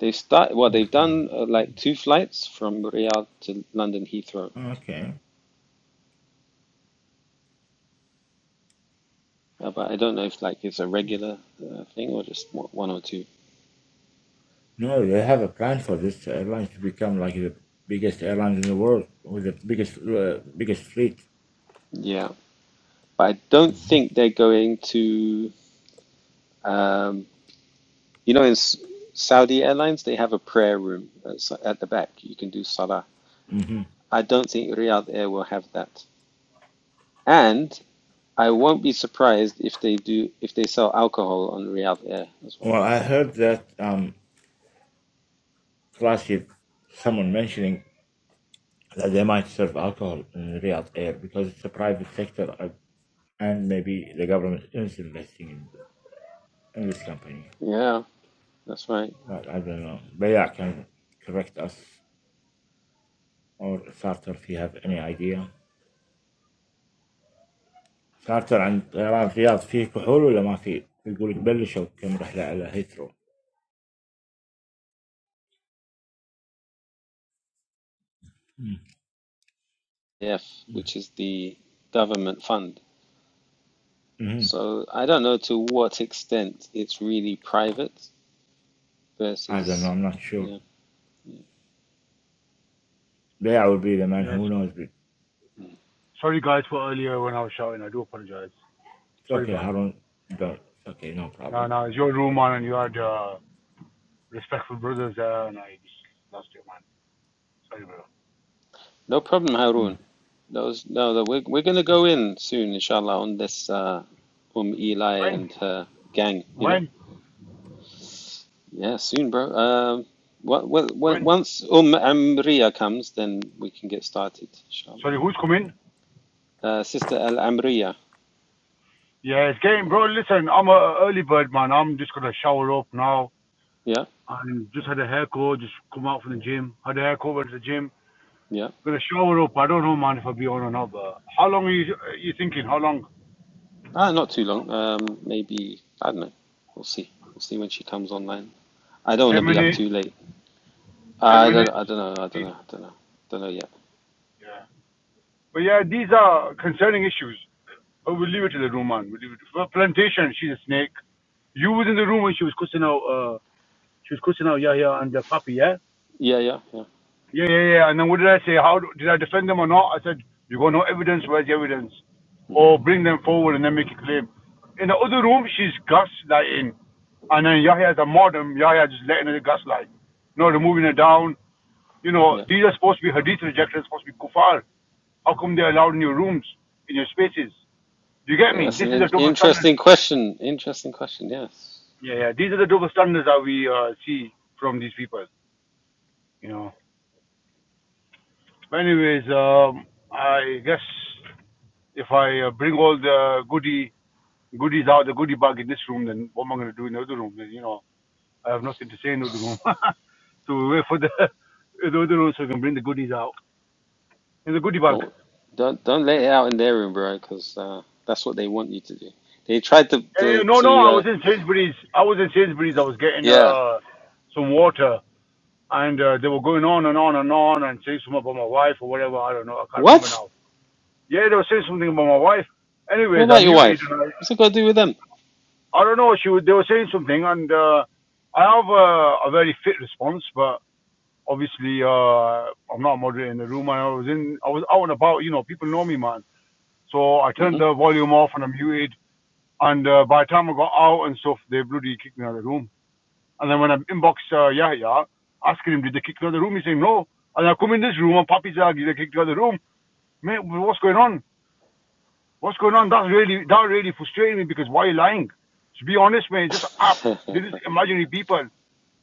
S1: They start well. They've done uh, like two flights from Riyadh to London Heathrow,
S3: Okay.
S1: uh, but I don't know if like it's a regular uh, thing or just one or two.
S3: No, they have a plan for this airline to become like the biggest airline in the world with the biggest uh, biggest fleet.
S1: Yeah, but I don't think they're going to. Um, You know, in S- Saudi Airlines, they have a prayer room at at the back. You can do salah.
S3: hmm
S1: I don't think Riyadh Air will have that. And I won't be surprised if they do if they sell alcohol on Riyadh Air as well.
S3: Well, I heard that um, last year someone mentioning that they might serve alcohol in Riyadh Air because it's a private sector uh, and maybe the government is investing in, in this company.
S1: Yeah, that's right.
S3: But I don't know. But yeah, can correct us or Sartre if you have any idea. كارتر عند طيران الرياض فيه كحول ولا ما فيه؟ يقول بلشوا كم رحلة على هيثرو.
S1: F, which is the government fund.
S3: mm
S1: So I don't know to what extent it's really private
S3: I don't know.
S1: versus
S3: I'm not sure.
S1: yeah.
S3: There would be the man
S4: Yes.
S3: who knows.
S4: Sorry, guys, for earlier when I was shouting. I do apologize.
S3: it's
S4: Sorry,
S3: okay,
S4: Van.
S3: Harun. It's okay, no
S4: No,
S3: problem.
S4: no, it's your room, man, and you had uh, respectful brothers there, and I just lost it, man. Sorry, bro.
S1: No problem, Harun.
S3: Mm.
S1: Those, no, the, we're, we're going to go in soon, inshallah, on this uh, Um Eli
S4: When?
S1: and her gang, you know?
S4: When?
S1: Yeah, soon, bro. Um, what, what, what,
S4: When?
S1: once Um Amriya comes, then we can get started, inshallah.
S4: Sorry, who's coming?
S1: Uh, Sister Al Amriya,
S4: Yeah, it's game, bro. Listen, I'm a early bird, man. I'm just going to shower up now.
S1: yeah,
S4: And just had a haircut, just come out from the gym. Had a haircut, went to the gym.
S1: yeah.
S4: Gonna shower up. I don't know, man, if I'll be on or not, but how long are you, are you thinking? How long?
S1: Ah, not too long. Um, maybe, I don't know. We'll see. We'll see when she comes online. I don't want
S4: 10
S1: to be up
S4: minutes,
S1: too late.
S4: 10
S1: I don't,
S4: minutes,
S1: I don't know, I don't know,
S4: 15.
S1: I don't know, don't know yet.
S4: Yeah. But yeah, these are concerning issues. But we'll leave it to the room, man. We'll leave it to well, Plantation, she's a snake. You was in the room when she was cussing out, uh, she was cussing out Yahya and the puppy, yeah?
S1: Yeah, yeah, yeah.
S4: Yeah, yeah, yeah. And then what did I say? How do, did I defend them or not? I said, you got no evidence. Where's the evidence?
S1: Mm,
S4: Or bring them forward and then make a claim. In the other room, she's gaslighting. And then Yahya as a modern, Yahya just letting her gaslight. You know, removing her down. You know,
S1: yeah.
S4: these are supposed to be hadith rejectors, supposed to be kufar. How come they're allowed in your rooms, in your spaces? Do you get me?
S1: That's
S4: This
S1: an
S4: is
S1: in
S4: the double standard.
S1: interesting question. Interesting question. Yes.
S4: Yeah, yeah. These are the double standards that we uh, see from these people. You know. But anyways, um, I guess if I uh, bring all the goodie goodies out, the goodie bag in this room, then what am I going to do in the other room? Then you know, I have nothing to say in the other room. (laughs) so we wait for the (laughs) the other room so we can bring the goodies out in the goodie bag.
S1: Don't don't don't let it out in their room, bro, because uh, that's what they want you to do. They tried to to,
S4: Uh, no, no,
S1: to
S4: I
S1: uh,
S4: was in Sainsbury's. I was in Sainsbury's. I
S1: y-
S4: was getting
S1: yeah.
S4: uh, some water and uh, they were going on and on and on and saying something about my wife or whatever. I don't know. I can't remember
S1: What?
S4: now. Yeah, they were saying something about my wife.
S1: What
S4: Anyways, I
S1: about your
S4: muted.
S1: wife?
S4: And
S1: What's it got to do with them?
S4: I, I don't know. She was, they were saying something, and uh, I have a, a very fit response, but obviously uh, I'm not moderating the room. I was in, I was out and about. You know, people know me, man. So I turned
S1: hmm
S4: the volume off and I muted. And uh, by the time I got out and stuff, they bloody kicked me out of the room. And then when I inbox uh, Yahya, asking him, did they kick you other room? He's saying, no. And I come in this room and Papi's like, did they kick you other room. Mate, what's going on? What's going on? That's really, that really frustrated me because why are you lying? To be honest, mate, just act.
S1: (laughs)
S4: They're just imaginary people.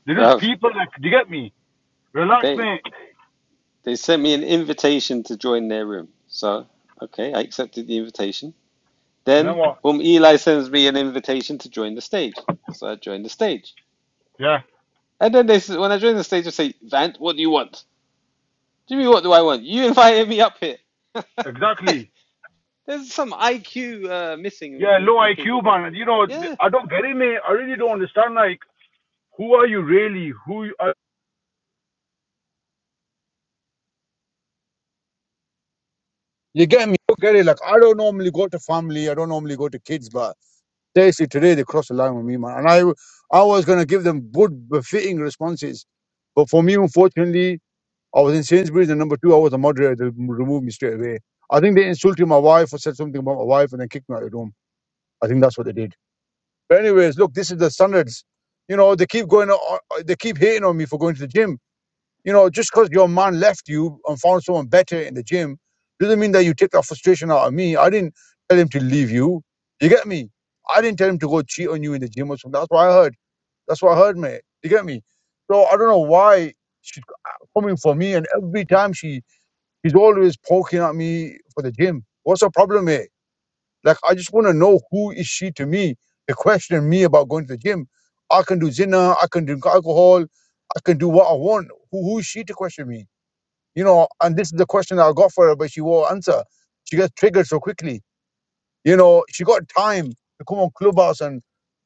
S4: They're just
S1: Bruv,
S4: people like, do you get me? Relax,
S1: they
S4: mate.
S1: they sent me an invitation to join their room. So okay, I accepted the invitation.
S4: And then
S1: Then
S4: what?
S1: Um Eli sends me an invitation to join the stage. So I joined the stage.
S4: Yeah,
S1: And then they s- when I joined the stage, they say, Vant, what do you want? Jimmy, what do I want? You (laughs) invited me up here. (laughs) Like,
S4: exactly.
S1: there's some IQ uh, missing
S4: Yeah,
S1: with,
S4: low
S1: with people,
S4: IQ,
S1: bro.
S4: man. You know,
S1: Yeah.
S4: I don't get it, mate. I really don't understand. Like, who are you really? Who are you You get me? You get it? Like I don't normally go to family. I don't normally go to kids, but Seriously, today they crossed the line with me, man. And I, I was going to give them good, befitting responses. But for me, unfortunately, I was in Sainsbury's and number two, I was a moderator. They removed me straight away. I think they insulted my wife or said something about my wife and then kicked me out of the room. I think that's what they did. But anyways, look, this is the standards. You know, they keep going, on, they keep hating on me for going to the gym. You know, just because your man left you and found someone better in the gym doesn't mean that you take that frustration out of me. I didn't tell him to leave you. You get me? I didn't tell him to go cheat on you in the gym or something. That's what I heard. That's what I heard, mate. You get me? So I don't know why she's coming for me, and every time she she's always poking at me for the gym. What's her problem, mate? Like I just want to know who is she to me to question me about going to the gym. I can do zina, I can drink alcohol, I can do what I want. Who, who is she to question me? You know, and this is the question I got for her, but she won't answer. She gets triggered so quickly. You know, she got time to come on Clubhouse and,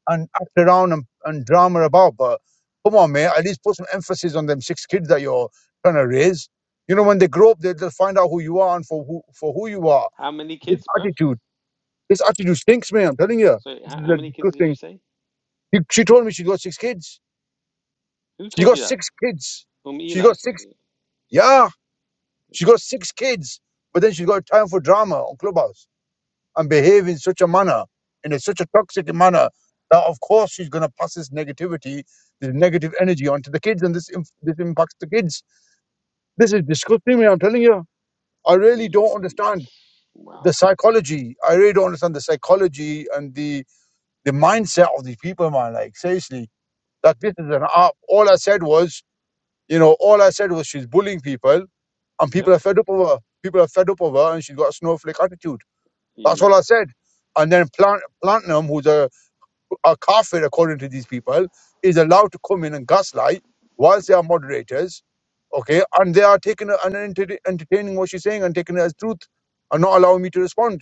S4: and act around and, and drama about, but come on, man, at least put some emphasis on them six kids that you're trying to raise. You know, when they grow up, they, they'll find out who you are and for who, for who you are.
S1: How many
S4: This
S1: kids, bro?
S4: attitude, this attitude stinks, man. I'm telling you.
S1: So,
S4: This
S1: how,
S4: is
S1: how
S4: a
S1: many kids did you
S4: disgusting.
S1: say?
S4: She, she told me she got six kids.
S1: Who
S4: She
S1: told you
S4: got
S1: that?
S4: six kids.
S1: Um,
S4: She
S1: Eli
S4: got
S1: said
S4: six.
S1: it.
S4: Yeah, she got six kids but then she's got time for drama on Clubhouse. and behave in such a manner, in a, such a toxic manner, that of course she's going to pass this negativity, this negative energy onto the kids, and this inf- this impacts the kids. This is disgusting me. I'm telling you, I really don't
S1: E-
S4: understand the
S1: Wow.
S4: psychology. I really don't understand the psychology and the the mindset of these people, man. Like seriously, that this is an app. All I said was, you know, all I said was she's bullying people, and
S1: Yep.
S4: people are fed up of her. People are fed up of her, and she's got a snowflake attitude. That's
S1: Yeah.
S4: all I said. And then Plant, Platinum, who's a a kafir, according to these people, is allowed to come in and gaslight whilst they are moderators, okay, and they are taking and enter- entertaining what she's saying and taking it as truth and not allowing me to respond.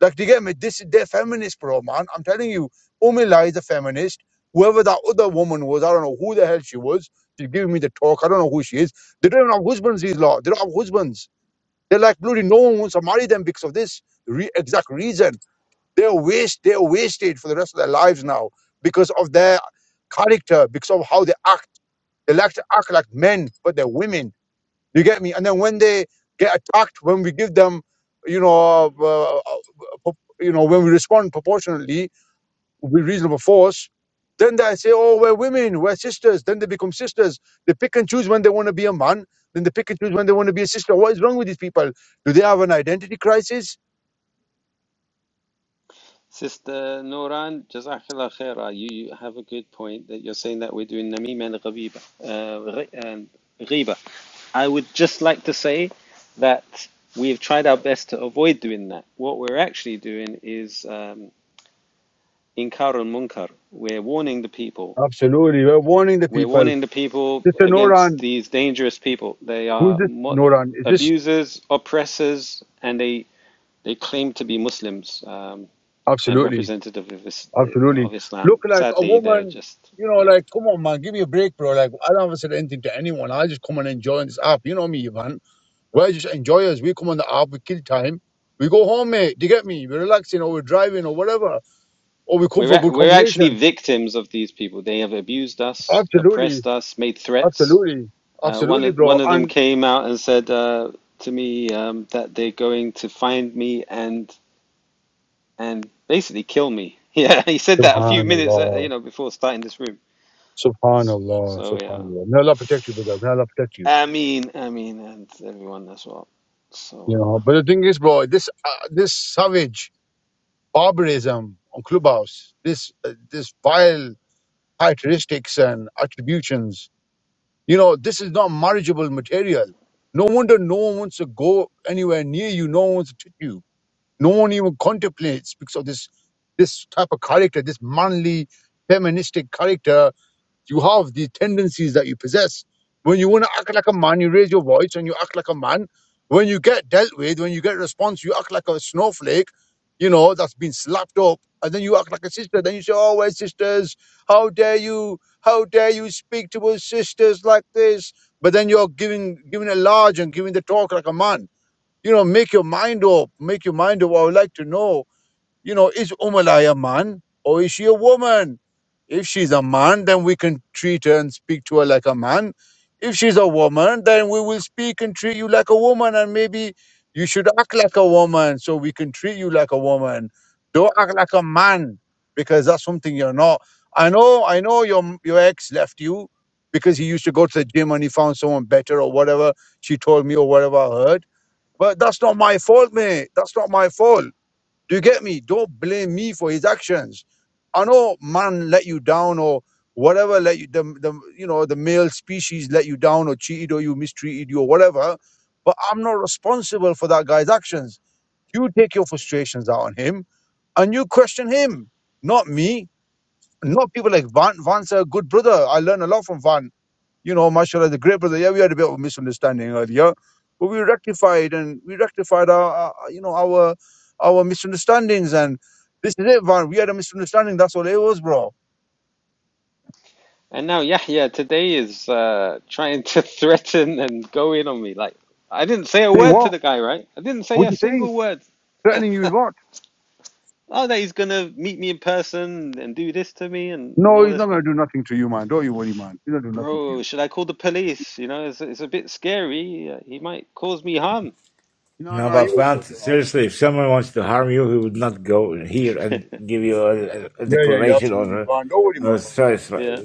S4: Like, do you get me? This is their feminist, bro, man. I'm telling you, Umila is a feminist. Whoever that other woman was, I don't know who the hell she was. She's giving me the talk. I don't know who she is. They don't even have husbands, these lot. They don't have husbands. They're like bloody no one wants to marry them because of this re- exact reason they're waste, they're wasted for the rest of their lives now because of their character, because of how they act. They like to act like men, but they're women. You get me? And then when they get attacked, when we give them, you know, uh, uh, pro- you know, when we respond proportionately with reasonable force, then they say, "Oh, we're women, we're sisters." Then they become sisters. They pick and choose when they want to be a man. Then they pick and choose when they want to be a sister. What is wrong with these people? Do they have an identity crisis?
S1: Sister Noran, Jazakallah khaira. You, you have a good point that you're saying that we're doing Namim and Ghabiba, uh, ghi- um, Ghiba. I would just like to say that we've tried our best to avoid doing that. What we're actually doing is um, Inkar al Munkar. We're warning the people.
S4: Absolutely. We're warning the
S1: We're
S4: people.
S1: warning the people
S4: Sister
S1: against
S4: Noran,
S1: these dangerous people. They
S4: Who's
S1: are
S4: this
S1: mo-
S4: Noran? Is this
S1: abusers, oppressors, and they, they claim to be Muslims. Um, and
S4: absolutely,
S1: representative of, is,
S4: absolutely
S1: of Islam.
S4: look like a
S1: Sadly, they're
S4: woman?
S1: just
S4: You know,
S1: yeah.
S4: like come on, man, give me a break, bro. Like I don't have to say anything to anyone. I just come and enjoy on this app. You know me, Ivan. We're just enjoyers. We come on the app, we kill time, we go home, mate. Do you get me? We're relaxing, or we're driving, or whatever, or we come
S1: We're
S4: for good
S1: we're actually
S4: conversation.
S1: victims of these people. They have abused us,
S4: Absolutely,
S1: oppressed us, made threats.
S4: absolutely,
S1: Uh, one
S4: absolutely,
S1: of,
S4: bro.
S1: one of them
S4: And
S1: came out and said uh, to me um, that they're going to find me and and basically kill me. (laughs) Yeah, he said that a few minutes uh,
S4: Subhanallah,
S1: you know before starting this room.
S4: Subhanallah,
S1: So yeah,
S4: Subhanallah. May Allah protect you, brother. May Allah protect you.
S1: I mean, I mean, and everyone as well.
S4: You
S1: So. Uh,
S4: know, but the thing is, bro, this uh, this savage. barbarism on Clubhouse, this uh, this vile characteristics and attributions. You know, this is not marriageable material. No wonder no one wants to go anywhere near you. No one wants to touch you. No one even contemplates because of this this type of character, this manly, feministic character you have these tendencies that you possess. When you want to act like a man, you raise your voice and you act like a man. When you get dealt with, when you get response, you act like a snowflake, you know, that's been slapped up. And then you act like a sister. Then you say, Oh, we're sisters. How dare you? How dare you speak to us sisters like this? But then you're giving giving a large and giving the talk like a man. You know, make your mind up. Make your mind up. I would like to know. You know, is Umalai a man or is she a woman? If she's a man, then we can treat her and speak to her like a man. If she's a woman, then we will speak and treat you like a woman, and maybe you should act like a woman so we can treat you like a woman. Don't act like a man because that's something you're not. I know, I know your your ex left you because he used to go to the gym and he found someone better or whatever she told me or whatever I heard. But that's not my fault, mate. That's not my fault. Do you get me? Don't blame me for his actions. I know man let you down or whatever let you the, the you know the male species let you down or cheated or you mistreated you or whatever, but I'm not responsible for that guy's actions. You take your frustrations out on him and you question him, not me. Not people like Van. Van's a good brother. I learn a lot from Van you know, mashallah, the great brother, yeah, we had a bit of a misunderstanding earlier, but we rectified and we rectified our, our you know, our our misunderstandings. And this is it, Van. We had a misunderstanding. That's all it was, bro.
S1: And now Yahya today is uh, trying to (laughs) threaten and go in on me. Like, I didn't say a
S4: Saying
S1: word to
S4: what?
S1: the guy, right? I didn't say
S4: What
S1: a
S4: you saying?
S1: single word. (laughs)
S4: Threatening you with what?
S1: Oh, that he's gonna meet me in person and do this to me and, and
S4: No,
S1: all
S4: he's
S1: this
S4: not going to
S1: kind.
S4: do nothing to you, man. Don't you worry, man. He's not doing nothing to
S1: Bro,
S4: you.
S1: should I call the police? You know, it's, it's a bit scary. Uh, He might cause me harm.
S4: No,
S3: No,
S4: no,
S3: but
S4: you won't
S3: Fant,
S4: cause your harm.
S3: seriously, if someone wants to harm you, he would not go here and
S1: (laughs)
S3: give you a, a
S4: Yeah, yeah, yeah,
S3: declaration or
S4: absolutely, Van. Don't worry,
S3: a,
S4: man.
S3: a
S4: Van.
S3: stress.
S1: Yeah.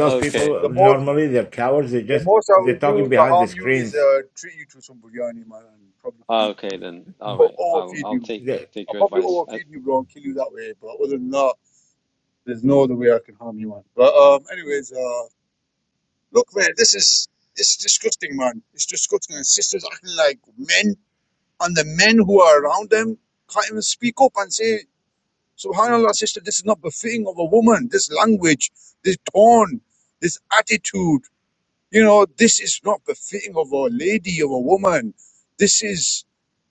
S3: Those people
S1: Okay.
S4: The most,
S3: normally they're cowards. They
S4: the
S3: just
S4: most I will
S3: they're talking
S4: do to
S3: behind the
S4: harm you is
S3: screens.
S4: uh, treat you to some biryani, man, and probably
S1: Ah,
S4: feed,
S1: Okay then. All
S4: or
S1: right.
S4: or
S1: I'll
S4: feed
S1: I'll
S4: you.
S1: take
S3: They're
S1: take
S4: I'll
S1: your
S4: probably
S1: advice. Uh,
S4: overfeed you, bro, and kill you that way. But other than that, there's no other way I can harm you, man. But um, anyways, uh, look, man, this is it's disgusting, man. It's disgusting. And sisters acting like men, and the men who are around them can't even speak up and say, "Subhanallah, sister, this is not befitting of a woman. This language, this tone, this attitude." You know, this is not befitting of a lady, of a woman. This is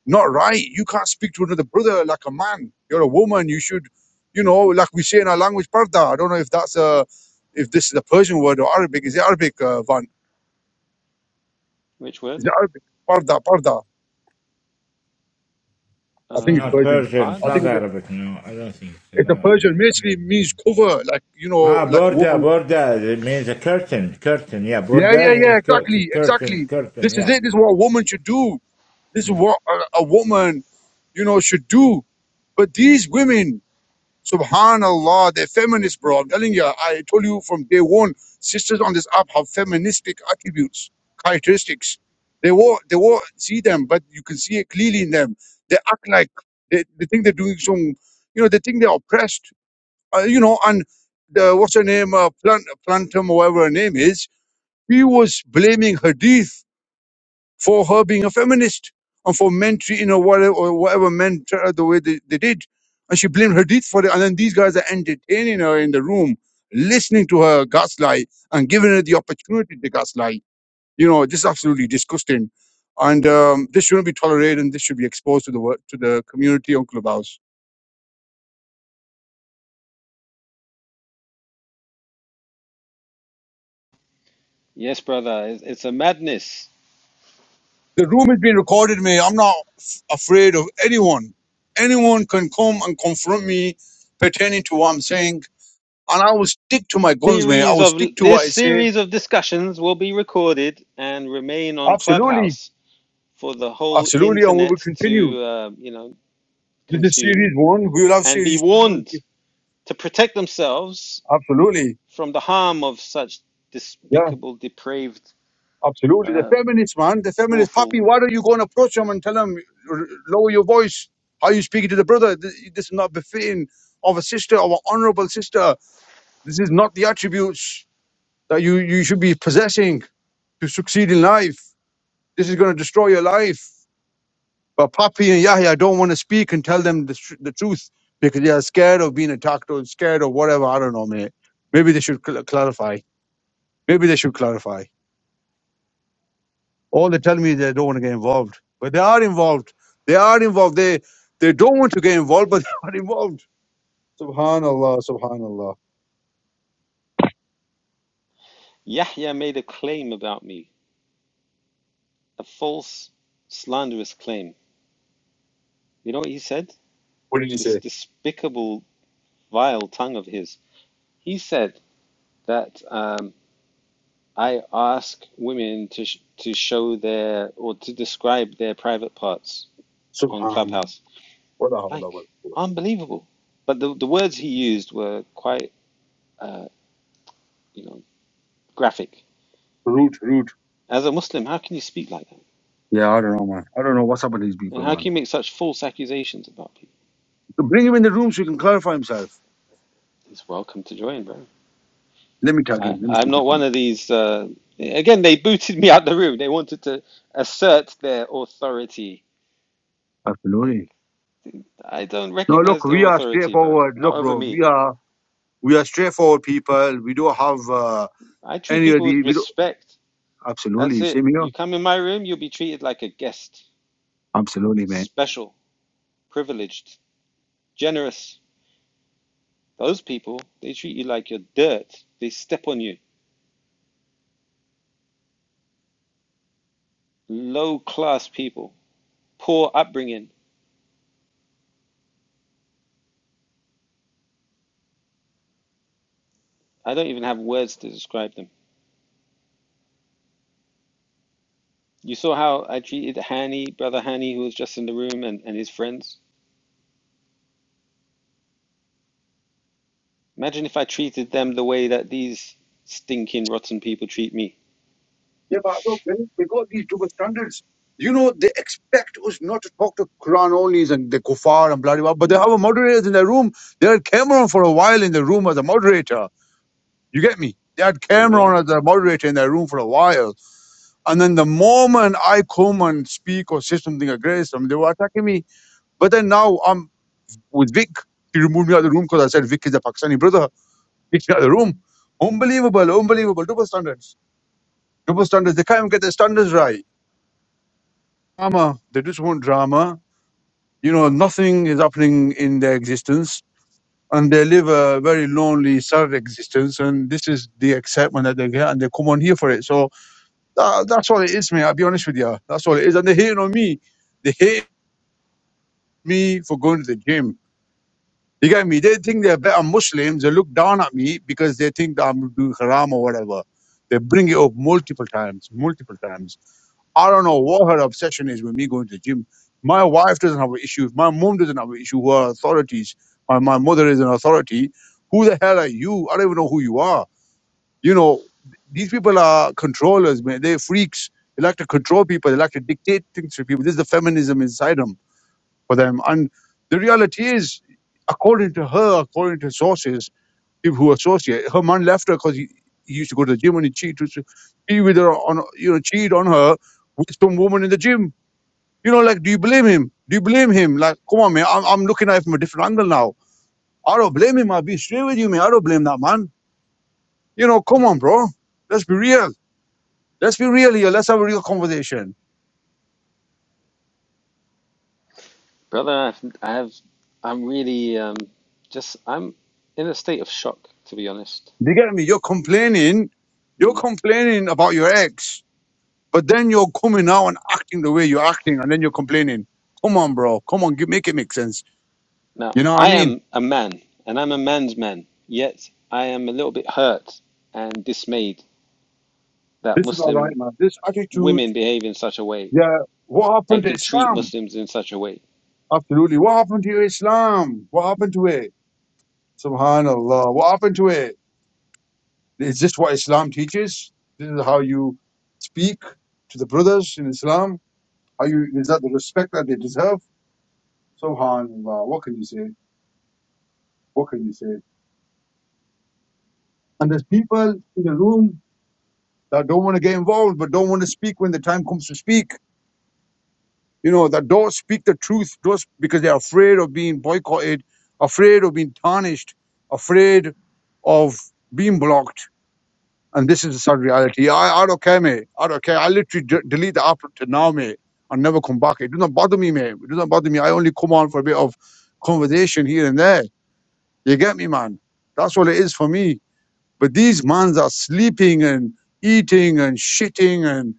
S4: not right. You can't speak to another brother like a man. You're a woman. You should, you know, like we say in our language, parda. I don't know if that's a, if this is a Persian word or Arabic. Is it Arabic, uh, Van?
S1: which
S4: Is
S1: word?
S4: it Arabic? Parda, parda. I think it's
S1: Uh,
S3: not
S1: pa-
S4: Persian.
S3: Persians,
S4: I
S3: not
S4: think
S1: pada?
S4: it's a,
S3: Arabic. No, I don't think so.
S4: it's a
S3: No.
S4: Persian. Basically, means cover, like you know,
S3: Ah,
S4: like a
S3: borda,
S4: woman.
S3: borda it means a curtain, curtain. Yeah,
S4: Yeah,
S3: borda
S4: yeah, yeah.
S3: means cur-
S4: Exactly,
S3: curtain,
S4: exactly.
S3: curtain.
S4: This is
S3: Yeah.
S4: it. This is what a woman should do This is what a woman, you know, should do. But these women, subhanallah, they're feminists, bro. I'm telling you, I told you from day one, sisters on this app have feministic attributes, characteristics. They won't, they won't see them, but you can see it clearly in them. They act like they, they think they're doing some, you know, they think they're oppressed, uh, you know, and the, what's her name, uh, Plant, Plantum, or whatever her name is, he was blaming Hadith for her being a feminist and for men treating her whatever, or whatever men treated her the way they, they did. And she blamed Hadith for it. And then these guys are entertaining her in the room, listening to her gaslight and giving her the opportunity to gaslight. You know, this is absolutely disgusting. And um, this shouldn't be tolerated and this should be exposed to the wor- to the community on Clubhouse.
S1: Yes, brother. It's, it's a madness.
S4: The room is being recorded, me. I'm not f- afraid of anyone. Anyone can come and confront me pertaining to what I'm saying And I will stick to my guns, man. I
S1: Series
S4: will
S1: of
S4: stick to what
S1: this
S4: I say.
S1: series of discussions will be recorded and remain on
S4: Absolutely.
S1: Clubhouse for the whole
S4: Absolutely. And we will
S1: internet
S4: continue.
S1: to uh, you know
S4: This is
S1: consume
S4: series one. We will have
S1: and be
S4: series two. and
S1: warned
S4: se-
S1: to protect themselves
S4: Absolutely.
S1: from the harm of such
S4: Yeah.
S1: despicable, depraved,
S4: Absolutely. The
S1: uh,
S4: feminists, man. The feminists.
S1: awful.
S4: Papi, why don't you go and approach them and tell them, "R- lower your voice? How you speaking to the brother? This, this is not befitting of a sister, of an honorable sister. This is not the attributes that you, you should be possessing to succeed in life. This is going to destroy your life. But Papi and Yahya don't want to speak and tell them the, tr- the truth because they are scared of being attacked or scared or whatever. I don't know, man. Maybe they should cl- clarify. Maybe they should clarify. All they tell me is they don't want to get involved, but they are involved. They are involved. They they don't want to get involved, but (laughs) they are involved. Subhanallah, Subhanallah.
S1: Yahya made a claim about me, a false, slanderous claim. You know what he said?
S4: What did you
S1: This
S4: say?
S1: despicable, vile tongue of his. He said that. Um, I ask women to sh to show their or to describe their private parts on
S4: Subhan.
S1: Clubhouse.
S4: Wala hawla wala
S1: Like
S4: quwwata.
S1: unbelievable. But the the words he used were quite uh, you know, graphic.
S4: Root, root.
S1: As a Muslim, how can you speak like that?
S4: Yeah, I don't know, man. I don't know what's up with these
S1: And
S4: people,
S1: how
S4: man.
S1: can you make such false accusations about people?
S4: So bring him in the room so he can clarify himself.
S1: He's welcome to join, bro.
S4: Let me tag in.
S1: I,
S4: Let me see
S1: I'm
S4: if he
S1: not
S4: comes.
S1: one of these. Uh, again, they booted me out the room. They wanted to assert their authority. Like
S4: Absolutely.
S1: I don't
S4: No,
S1: recognize
S4: look,
S1: their
S4: we are
S1: authority, bro.
S4: straightforward.
S1: Not
S4: Look,
S1: over
S4: bro,
S1: me.
S4: we are we are straightforward people. We don't have uh,
S1: I treat
S4: any of
S1: people with
S4: the we don't
S1: respect. That's
S4: absolutely
S1: it.
S4: same here.
S1: You come in my room, you'll be treated like a guest,
S4: Absolutely, man.
S1: special, privileged, generous. Those people, they treat you like you're dirt. They step on you. Low class people, poor upbringing. I don't even have words to describe them. You saw how I treated Hani, brother Hani, who was just in the room, and, and his friends. Imagine if I treated them the way that these stinking, rotten people treat me.
S4: Yeah, but look, man, they got these double standards. You know, they expect us not to talk to Quran onlys and the kuffar and bloody blah, blah, but they
S1: Mm,
S4: have a moderator in their room. They had Cameron for a while in the room as a moderator. You get me? They had
S1: for real.
S4: Cameron as a moderator in their room for a while. And then the moment I come and speak or say something against them, they were attacking me. But then now I'm with Vic. She removed me out of the room because I said Vic is a Pakistani brother. Kicked me out of the room. Unbelievable, unbelievable. Double standards. Double standards. They can't even get their standards right. Drama. They just want drama. You know, nothing is happening in their existence. And they live a very lonely, sad existence. And this is the excitement that they get. And they come on here for it. So that, that's all it is, mate. I'll be honest with you. That's all it is. And they're hating on me. They hate me for going to the gym You get me? They think they're better Muslims. They look down at me because they think that I'm doing haram or whatever. They bring it up multiple times, multiple times. I don't know what her obsession is with me going to the gym. My wife doesn't have an issue. My mom doesn't have an issue. Who are authorities? My, my mother is an authority. Who the hell are you? I don't even know who you are. You know, these people are controllers, man. They're freaks. They like to control people. They like to dictate things to people. This is the feminism inside them for them. And the reality is, according to her, according to sources, people who associate, her man left her because he, he used to go to the gym and he cheat, used to be with her on, you know, cheat on her with some woman in the gym. You know, like, do you blame him? Do you blame him? Like, come on, man, I'm, I'm looking at it from a different angle now. I don't blame him. I'll be straight with you, man. I don't blame that man. You know, come on, bro. Let's be real. Let's be real here. Let's have a real conversation.
S1: Brother, I've, I've, I'm really um, just, I'm in a state of shock, to be honest.
S4: Do you get me? You're complaining. You're
S1: Mm.
S4: complaining about your ex But then you're coming now and acting the way you're acting, and then you're complaining. Come on, bro. Come on, give, make it make sense.
S1: Now,
S4: You know what I
S1: I
S4: mean?
S1: am a man, and I'm a man's man, yet I am a little bit hurt and dismayed that
S4: This is all right,
S1: Muslim
S4: man. This attitude,
S1: women behave in such a way
S4: yeah. What happened
S1: and
S4: to
S1: can treat
S4: Islam?
S1: Muslims in such a way.
S4: Absolutely. What happened to your Islam? What happened to it? Subhanallah. What happened to it? Is this what Islam teaches? This is how you speak to the brothers in Islam. Are you? Is that the respect that they deserve? Subhanallah. What can you say? What can you say? And there's people in the room that don't want to get involved but don't want to speak when the time comes to speak. You know, that don't speak the truth just because they're afraid of being boycotted, afraid of being tarnished, afraid of being blocked. And this is the sad reality. I, I don't care, mate. I don't care. I literally d- delete the app to now, mate, and never come back. It doesn't bother me, mate. It doesn't bother me. I only come on for a bit of conversation here and there. You get me, man? That's all it is for me. But these mans are sleeping and eating and shitting and.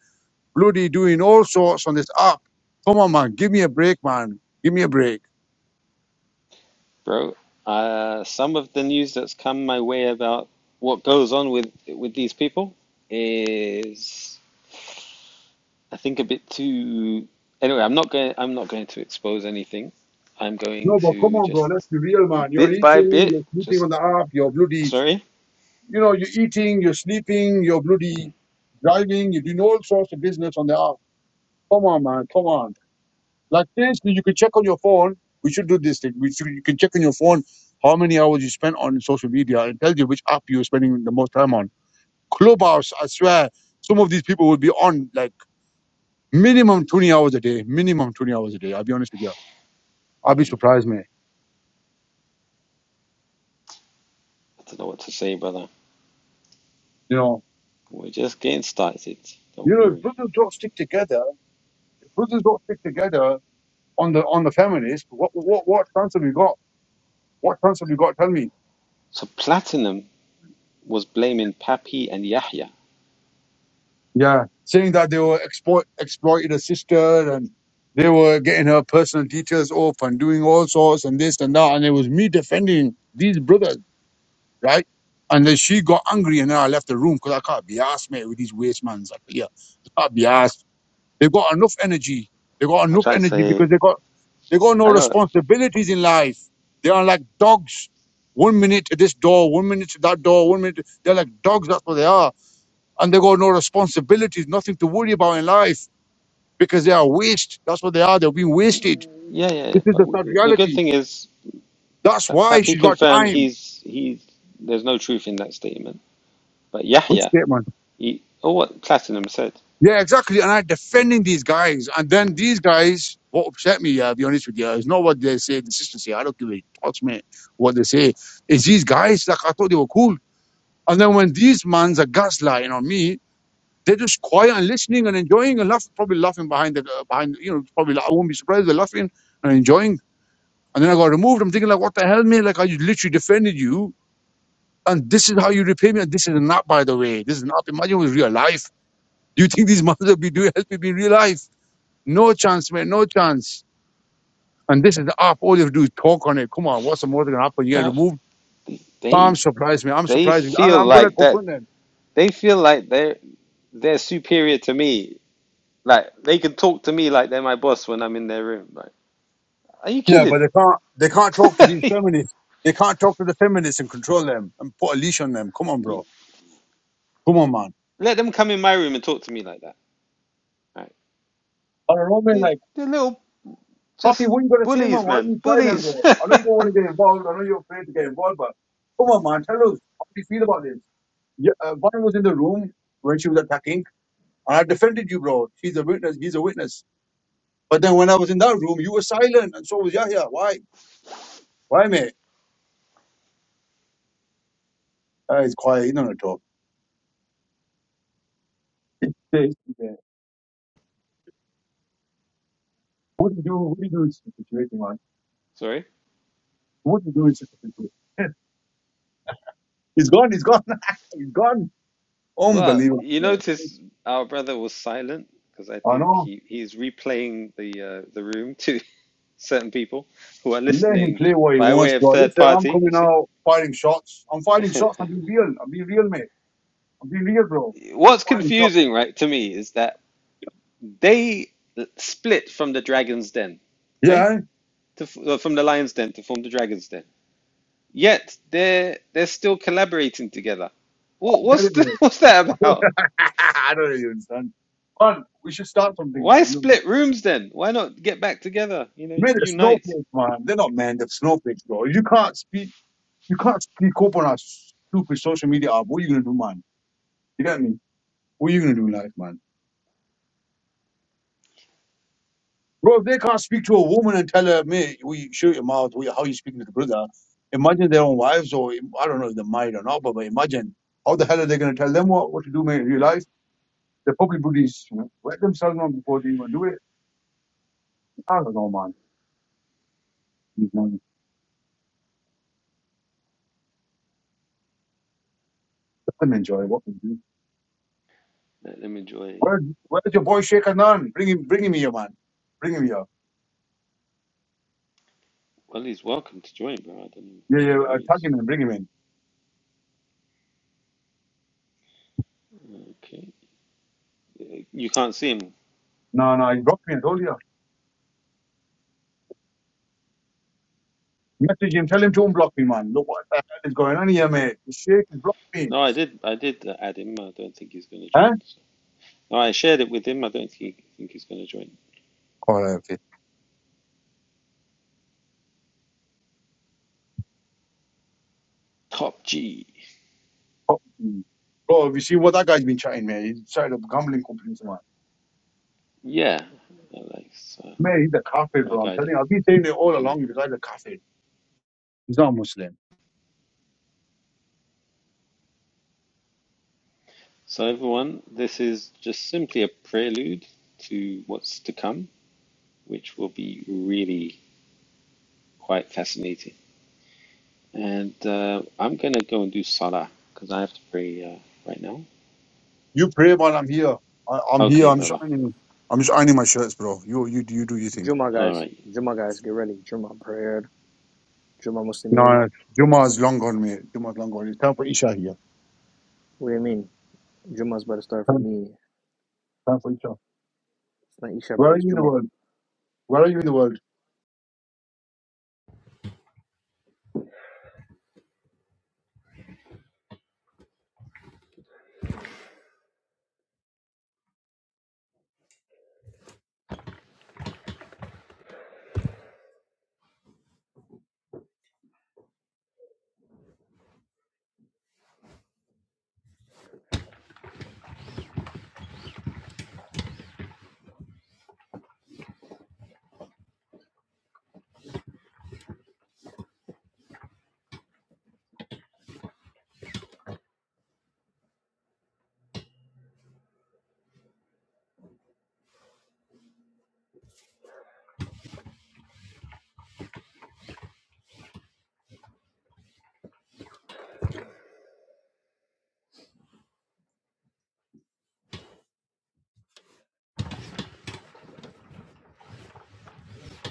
S4: bloody doing all sorts on this app. Come on, man. Give me a break, man. Give me a break.
S1: Bro, uh, some of the news that's come my way about what goes on with with these people is. I think a bit too. Anyway, I'm not going. I'm not going to expose anything. I'm going
S4: No, but come
S1: to
S4: on, bro.
S1: just
S4: Let's be real, man. You're
S1: bit by
S4: eating,
S1: bit.
S4: you're sleeping
S1: Just
S4: on the app, you're bloody,
S1: sorry.
S4: you know, you're eating, you're sleeping, you're bloody driving, you're doing all sorts of business on the app. Come on, man. Come on. Like this, you can check on your phone. We should do this thing. We should, you can check on your phone how many hours you spent on social media and tell you which app you're spending the most time on. Clubhouse, I swear, some of these people will be on like minimum 20 hours a day, minimum 20 hours a day. I'll be honest with you. I'll be
S1: Mhm.
S4: surprised, man.
S1: I don't know what to say, brother.
S4: You know,
S1: We're just getting started. Don't
S4: you know, if
S1: worry.
S4: brothers don't stick together, if brothers don't stick together on the on the feminist, what what what chance have you got? What chance have you got? Tell me.
S1: So Platinum was blaming Papi and Yahya.
S4: Yeah. Saying that they were exploit exploited a sister and they were getting her personal details off and doing all sorts and this and that. And it was me defending these brothers, right? And then she got angry and then I left the room because I can't be asked, mate, with these waste mans. I, yeah, I can't be asked. They got enough energy. They got
S1: I
S4: enough
S1: tried to
S4: energy
S1: say,
S4: because they got they got no
S1: I know,
S4: responsibilities in life. They are like dogs. One minute to this door, one minute to that door, one minute. to- They're like dogs. That's what they are, and they got no responsibilities, nothing to worry about in life because they are waste. That's what they are. They're being wasted.
S1: yeah, yeah, yeah.
S4: This is
S1: But
S4: the
S1: we,
S4: sad
S1: the good
S4: reality.
S1: thing is,
S4: That's
S1: Pa-
S4: why
S1: Papi
S4: she's got
S1: confirmed
S4: time.
S1: he's he's. There's no truth in that statement. But
S4: Which
S1: Yahya,
S4: statement?
S1: he, oh, what Platinum said,
S4: Yeah, exactly. And I'm defending these guys. And then these guys, what upset me, I'll be honest with you, is not what they say, the sisters say. I don't give a touch, mate, what they say. It's these guys, like, I thought they were cool. And then when these mans are gaslighting on me, they're just quiet and listening and enjoying and laughing, probably laughing behind the, uh, behind, you know, probably, I won't be surprised they're laughing and enjoying. And then I got removed. I'm thinking, like, what the hell, mate? Like, I literally defended you. And this is how you repay me. And this is not, by the way, this is not, imagine it was real life. Do you think these (laughs) mans will be doing, help me in real life? No chance, man. No chance. And this is the app. All you have to do is talk on it. Come on. What's the more going to happen? You get
S1: bruv,
S4: removed.
S1: they, they
S4: I'm surprised, man. I'm
S1: They
S4: surprised. And
S1: feel
S4: I'm going to
S1: like that.
S4: confront them.
S1: They feel like they're they're superior to me. Like they can talk to me like they're my boss when I'm in their room. Like, are you
S4: Yeah,
S1: kidding?
S4: but they can't. They can't talk to these
S1: (laughs)
S4: feminists. They can't talk to the feminists and control them and put a leash on them. Come on,
S1: You-
S4: bro. Come on, man.
S1: Let them come in my room and talk to me like that. Right?
S4: I don't know, man.
S1: They
S4: Like,
S1: they're little
S4: Poppy,
S1: just
S4: what you going to say, man?
S1: bullies,
S4: Why are
S1: man.
S4: you silent, bro?
S1: Bullies.
S4: I know you don't want to get involved. I know you're afraid to get involved, but come on, man. Tell us how do you feel about this. Yeah, uh, Bonnie was in the room when she was attacking, and I defended you, bro. She's a witness. He's a witness. But then when I was in that room, you were silent, and so was Yahya. Why? Why, mate? Uh, he's quiet. He don't talk. It's- it's- What do you do? What do you do in such a situation, man?
S1: (laughs) Sorry.
S4: What do you do in such a situation? He's gone. He's gone. (laughs) he's gone.
S1: Well,
S4: Unbelievable,
S1: you
S4: man.
S1: notice our brother was silent because I
S4: I
S1: think
S4: know.
S1: he, he's replaying the uh, the room to (laughs) certain people who are
S4: Let him
S1: listening
S4: play what he
S1: by
S4: wants,
S1: way of
S4: bro.
S1: third
S4: Listen, I'm
S1: party, you
S4: coming out firing shots. I'm firing
S1: see?
S4: shots.
S1: (laughs)
S4: I'm being real. I'm being real, mate. I'm being real, bro.
S1: what's
S4: Firing shots.
S1: confusing, right, to me is that they split from the Dragon's Den, okay,
S4: Yeah,
S1: to, uh, from the Lion's Den to form the Dragon's Den. Yet they're they're still collaborating together. Wha-
S4: I get
S1: What's
S4: it,
S1: the, (laughs)
S4: mate.
S1: what's that about?
S4: (laughs) I don't really understand. Man, we should start something,
S1: Why
S4: man. You.
S1: split rooms then? Why not get back together? You know,
S4: Man, the
S1: unite.
S4: snowflakes, man. They're not man, they're snowflakes, bro. You can't speak you can't speak up on our stupid social media app. What are you gonna do, man? You get me? What are you gonna do in life, man? Bro, if they can't speak to a woman and tell her, mate, we shoot your mouth, we, how you speaking to the brother, imagine their own wives or I don't know if they're married or not, but, but imagine how the hell are they gonna tell them what, what to do, mate, in real
S1: Yeah,
S4: life? They probably buddies wet themselves on before they even do it. I don't know, man. These men, Let them enjoy what they do.
S1: let them enjoy.
S4: Where, where's your boy Sheikh Anan? Bring him bring him here, man. Bring him here.
S1: Well, he's welcome to join, bro. I don't know
S4: Yeah,
S1: I don't
S4: yeah,
S1: know where
S4: uh,
S1: he
S4: tag
S1: is.
S4: him and bring him in.
S1: Okay, Uh, you can't see him.
S4: No, no, He blocked me. I told you. Message him, tell him to unblock me, man. Look what the hell is going on here, mate. The Sheikh has blocked me.
S1: No, I did. I did uh, add him. I don't think he's going to
S4: Huh?
S1: join. so. I shared it with him. I don't think, think he's going to join.
S4: Alright, fit.
S1: Top G.
S4: Oh, mm. Bro, have you seen what that guy's been chatting, man? He's started up gambling companies, man.
S1: Yeah, I like, so,
S4: Man, he's a
S1: I
S4: kafir,
S1: like
S4: bro. I'm
S1: I
S4: telling
S1: did.
S4: you, I've been saying it all
S1: Mm.
S4: along. The guy's a kafir. He's not a Muslim.
S1: So, everyone, this is just simply a prelude to what's to come, which will be really quite fascinating. And uh, I'm going to go and do Salah because I have to pray uh, right now.
S4: You pray, man. I'm here. I, I'm here.
S1: Okay,
S4: I'm just
S1: brother.
S4: ironing. I'm just ironing my shirts, bro. You, you, you do your thing.
S6: Juma
S1: All
S6: guys,
S1: right.
S6: Juma guys, get ready. Juma prayer, Juma Muslimin.
S4: No, Juma's long gone, mate. Juma's long gone. It's time for Isha here.
S6: What do you mean? Juma's about to start for
S4: Time,
S6: me.
S4: time for Isha.
S6: It's not Isha,
S4: Where
S6: bro.
S4: are
S6: It's
S4: you in the
S6: Juma.
S4: world? Where are you in the world?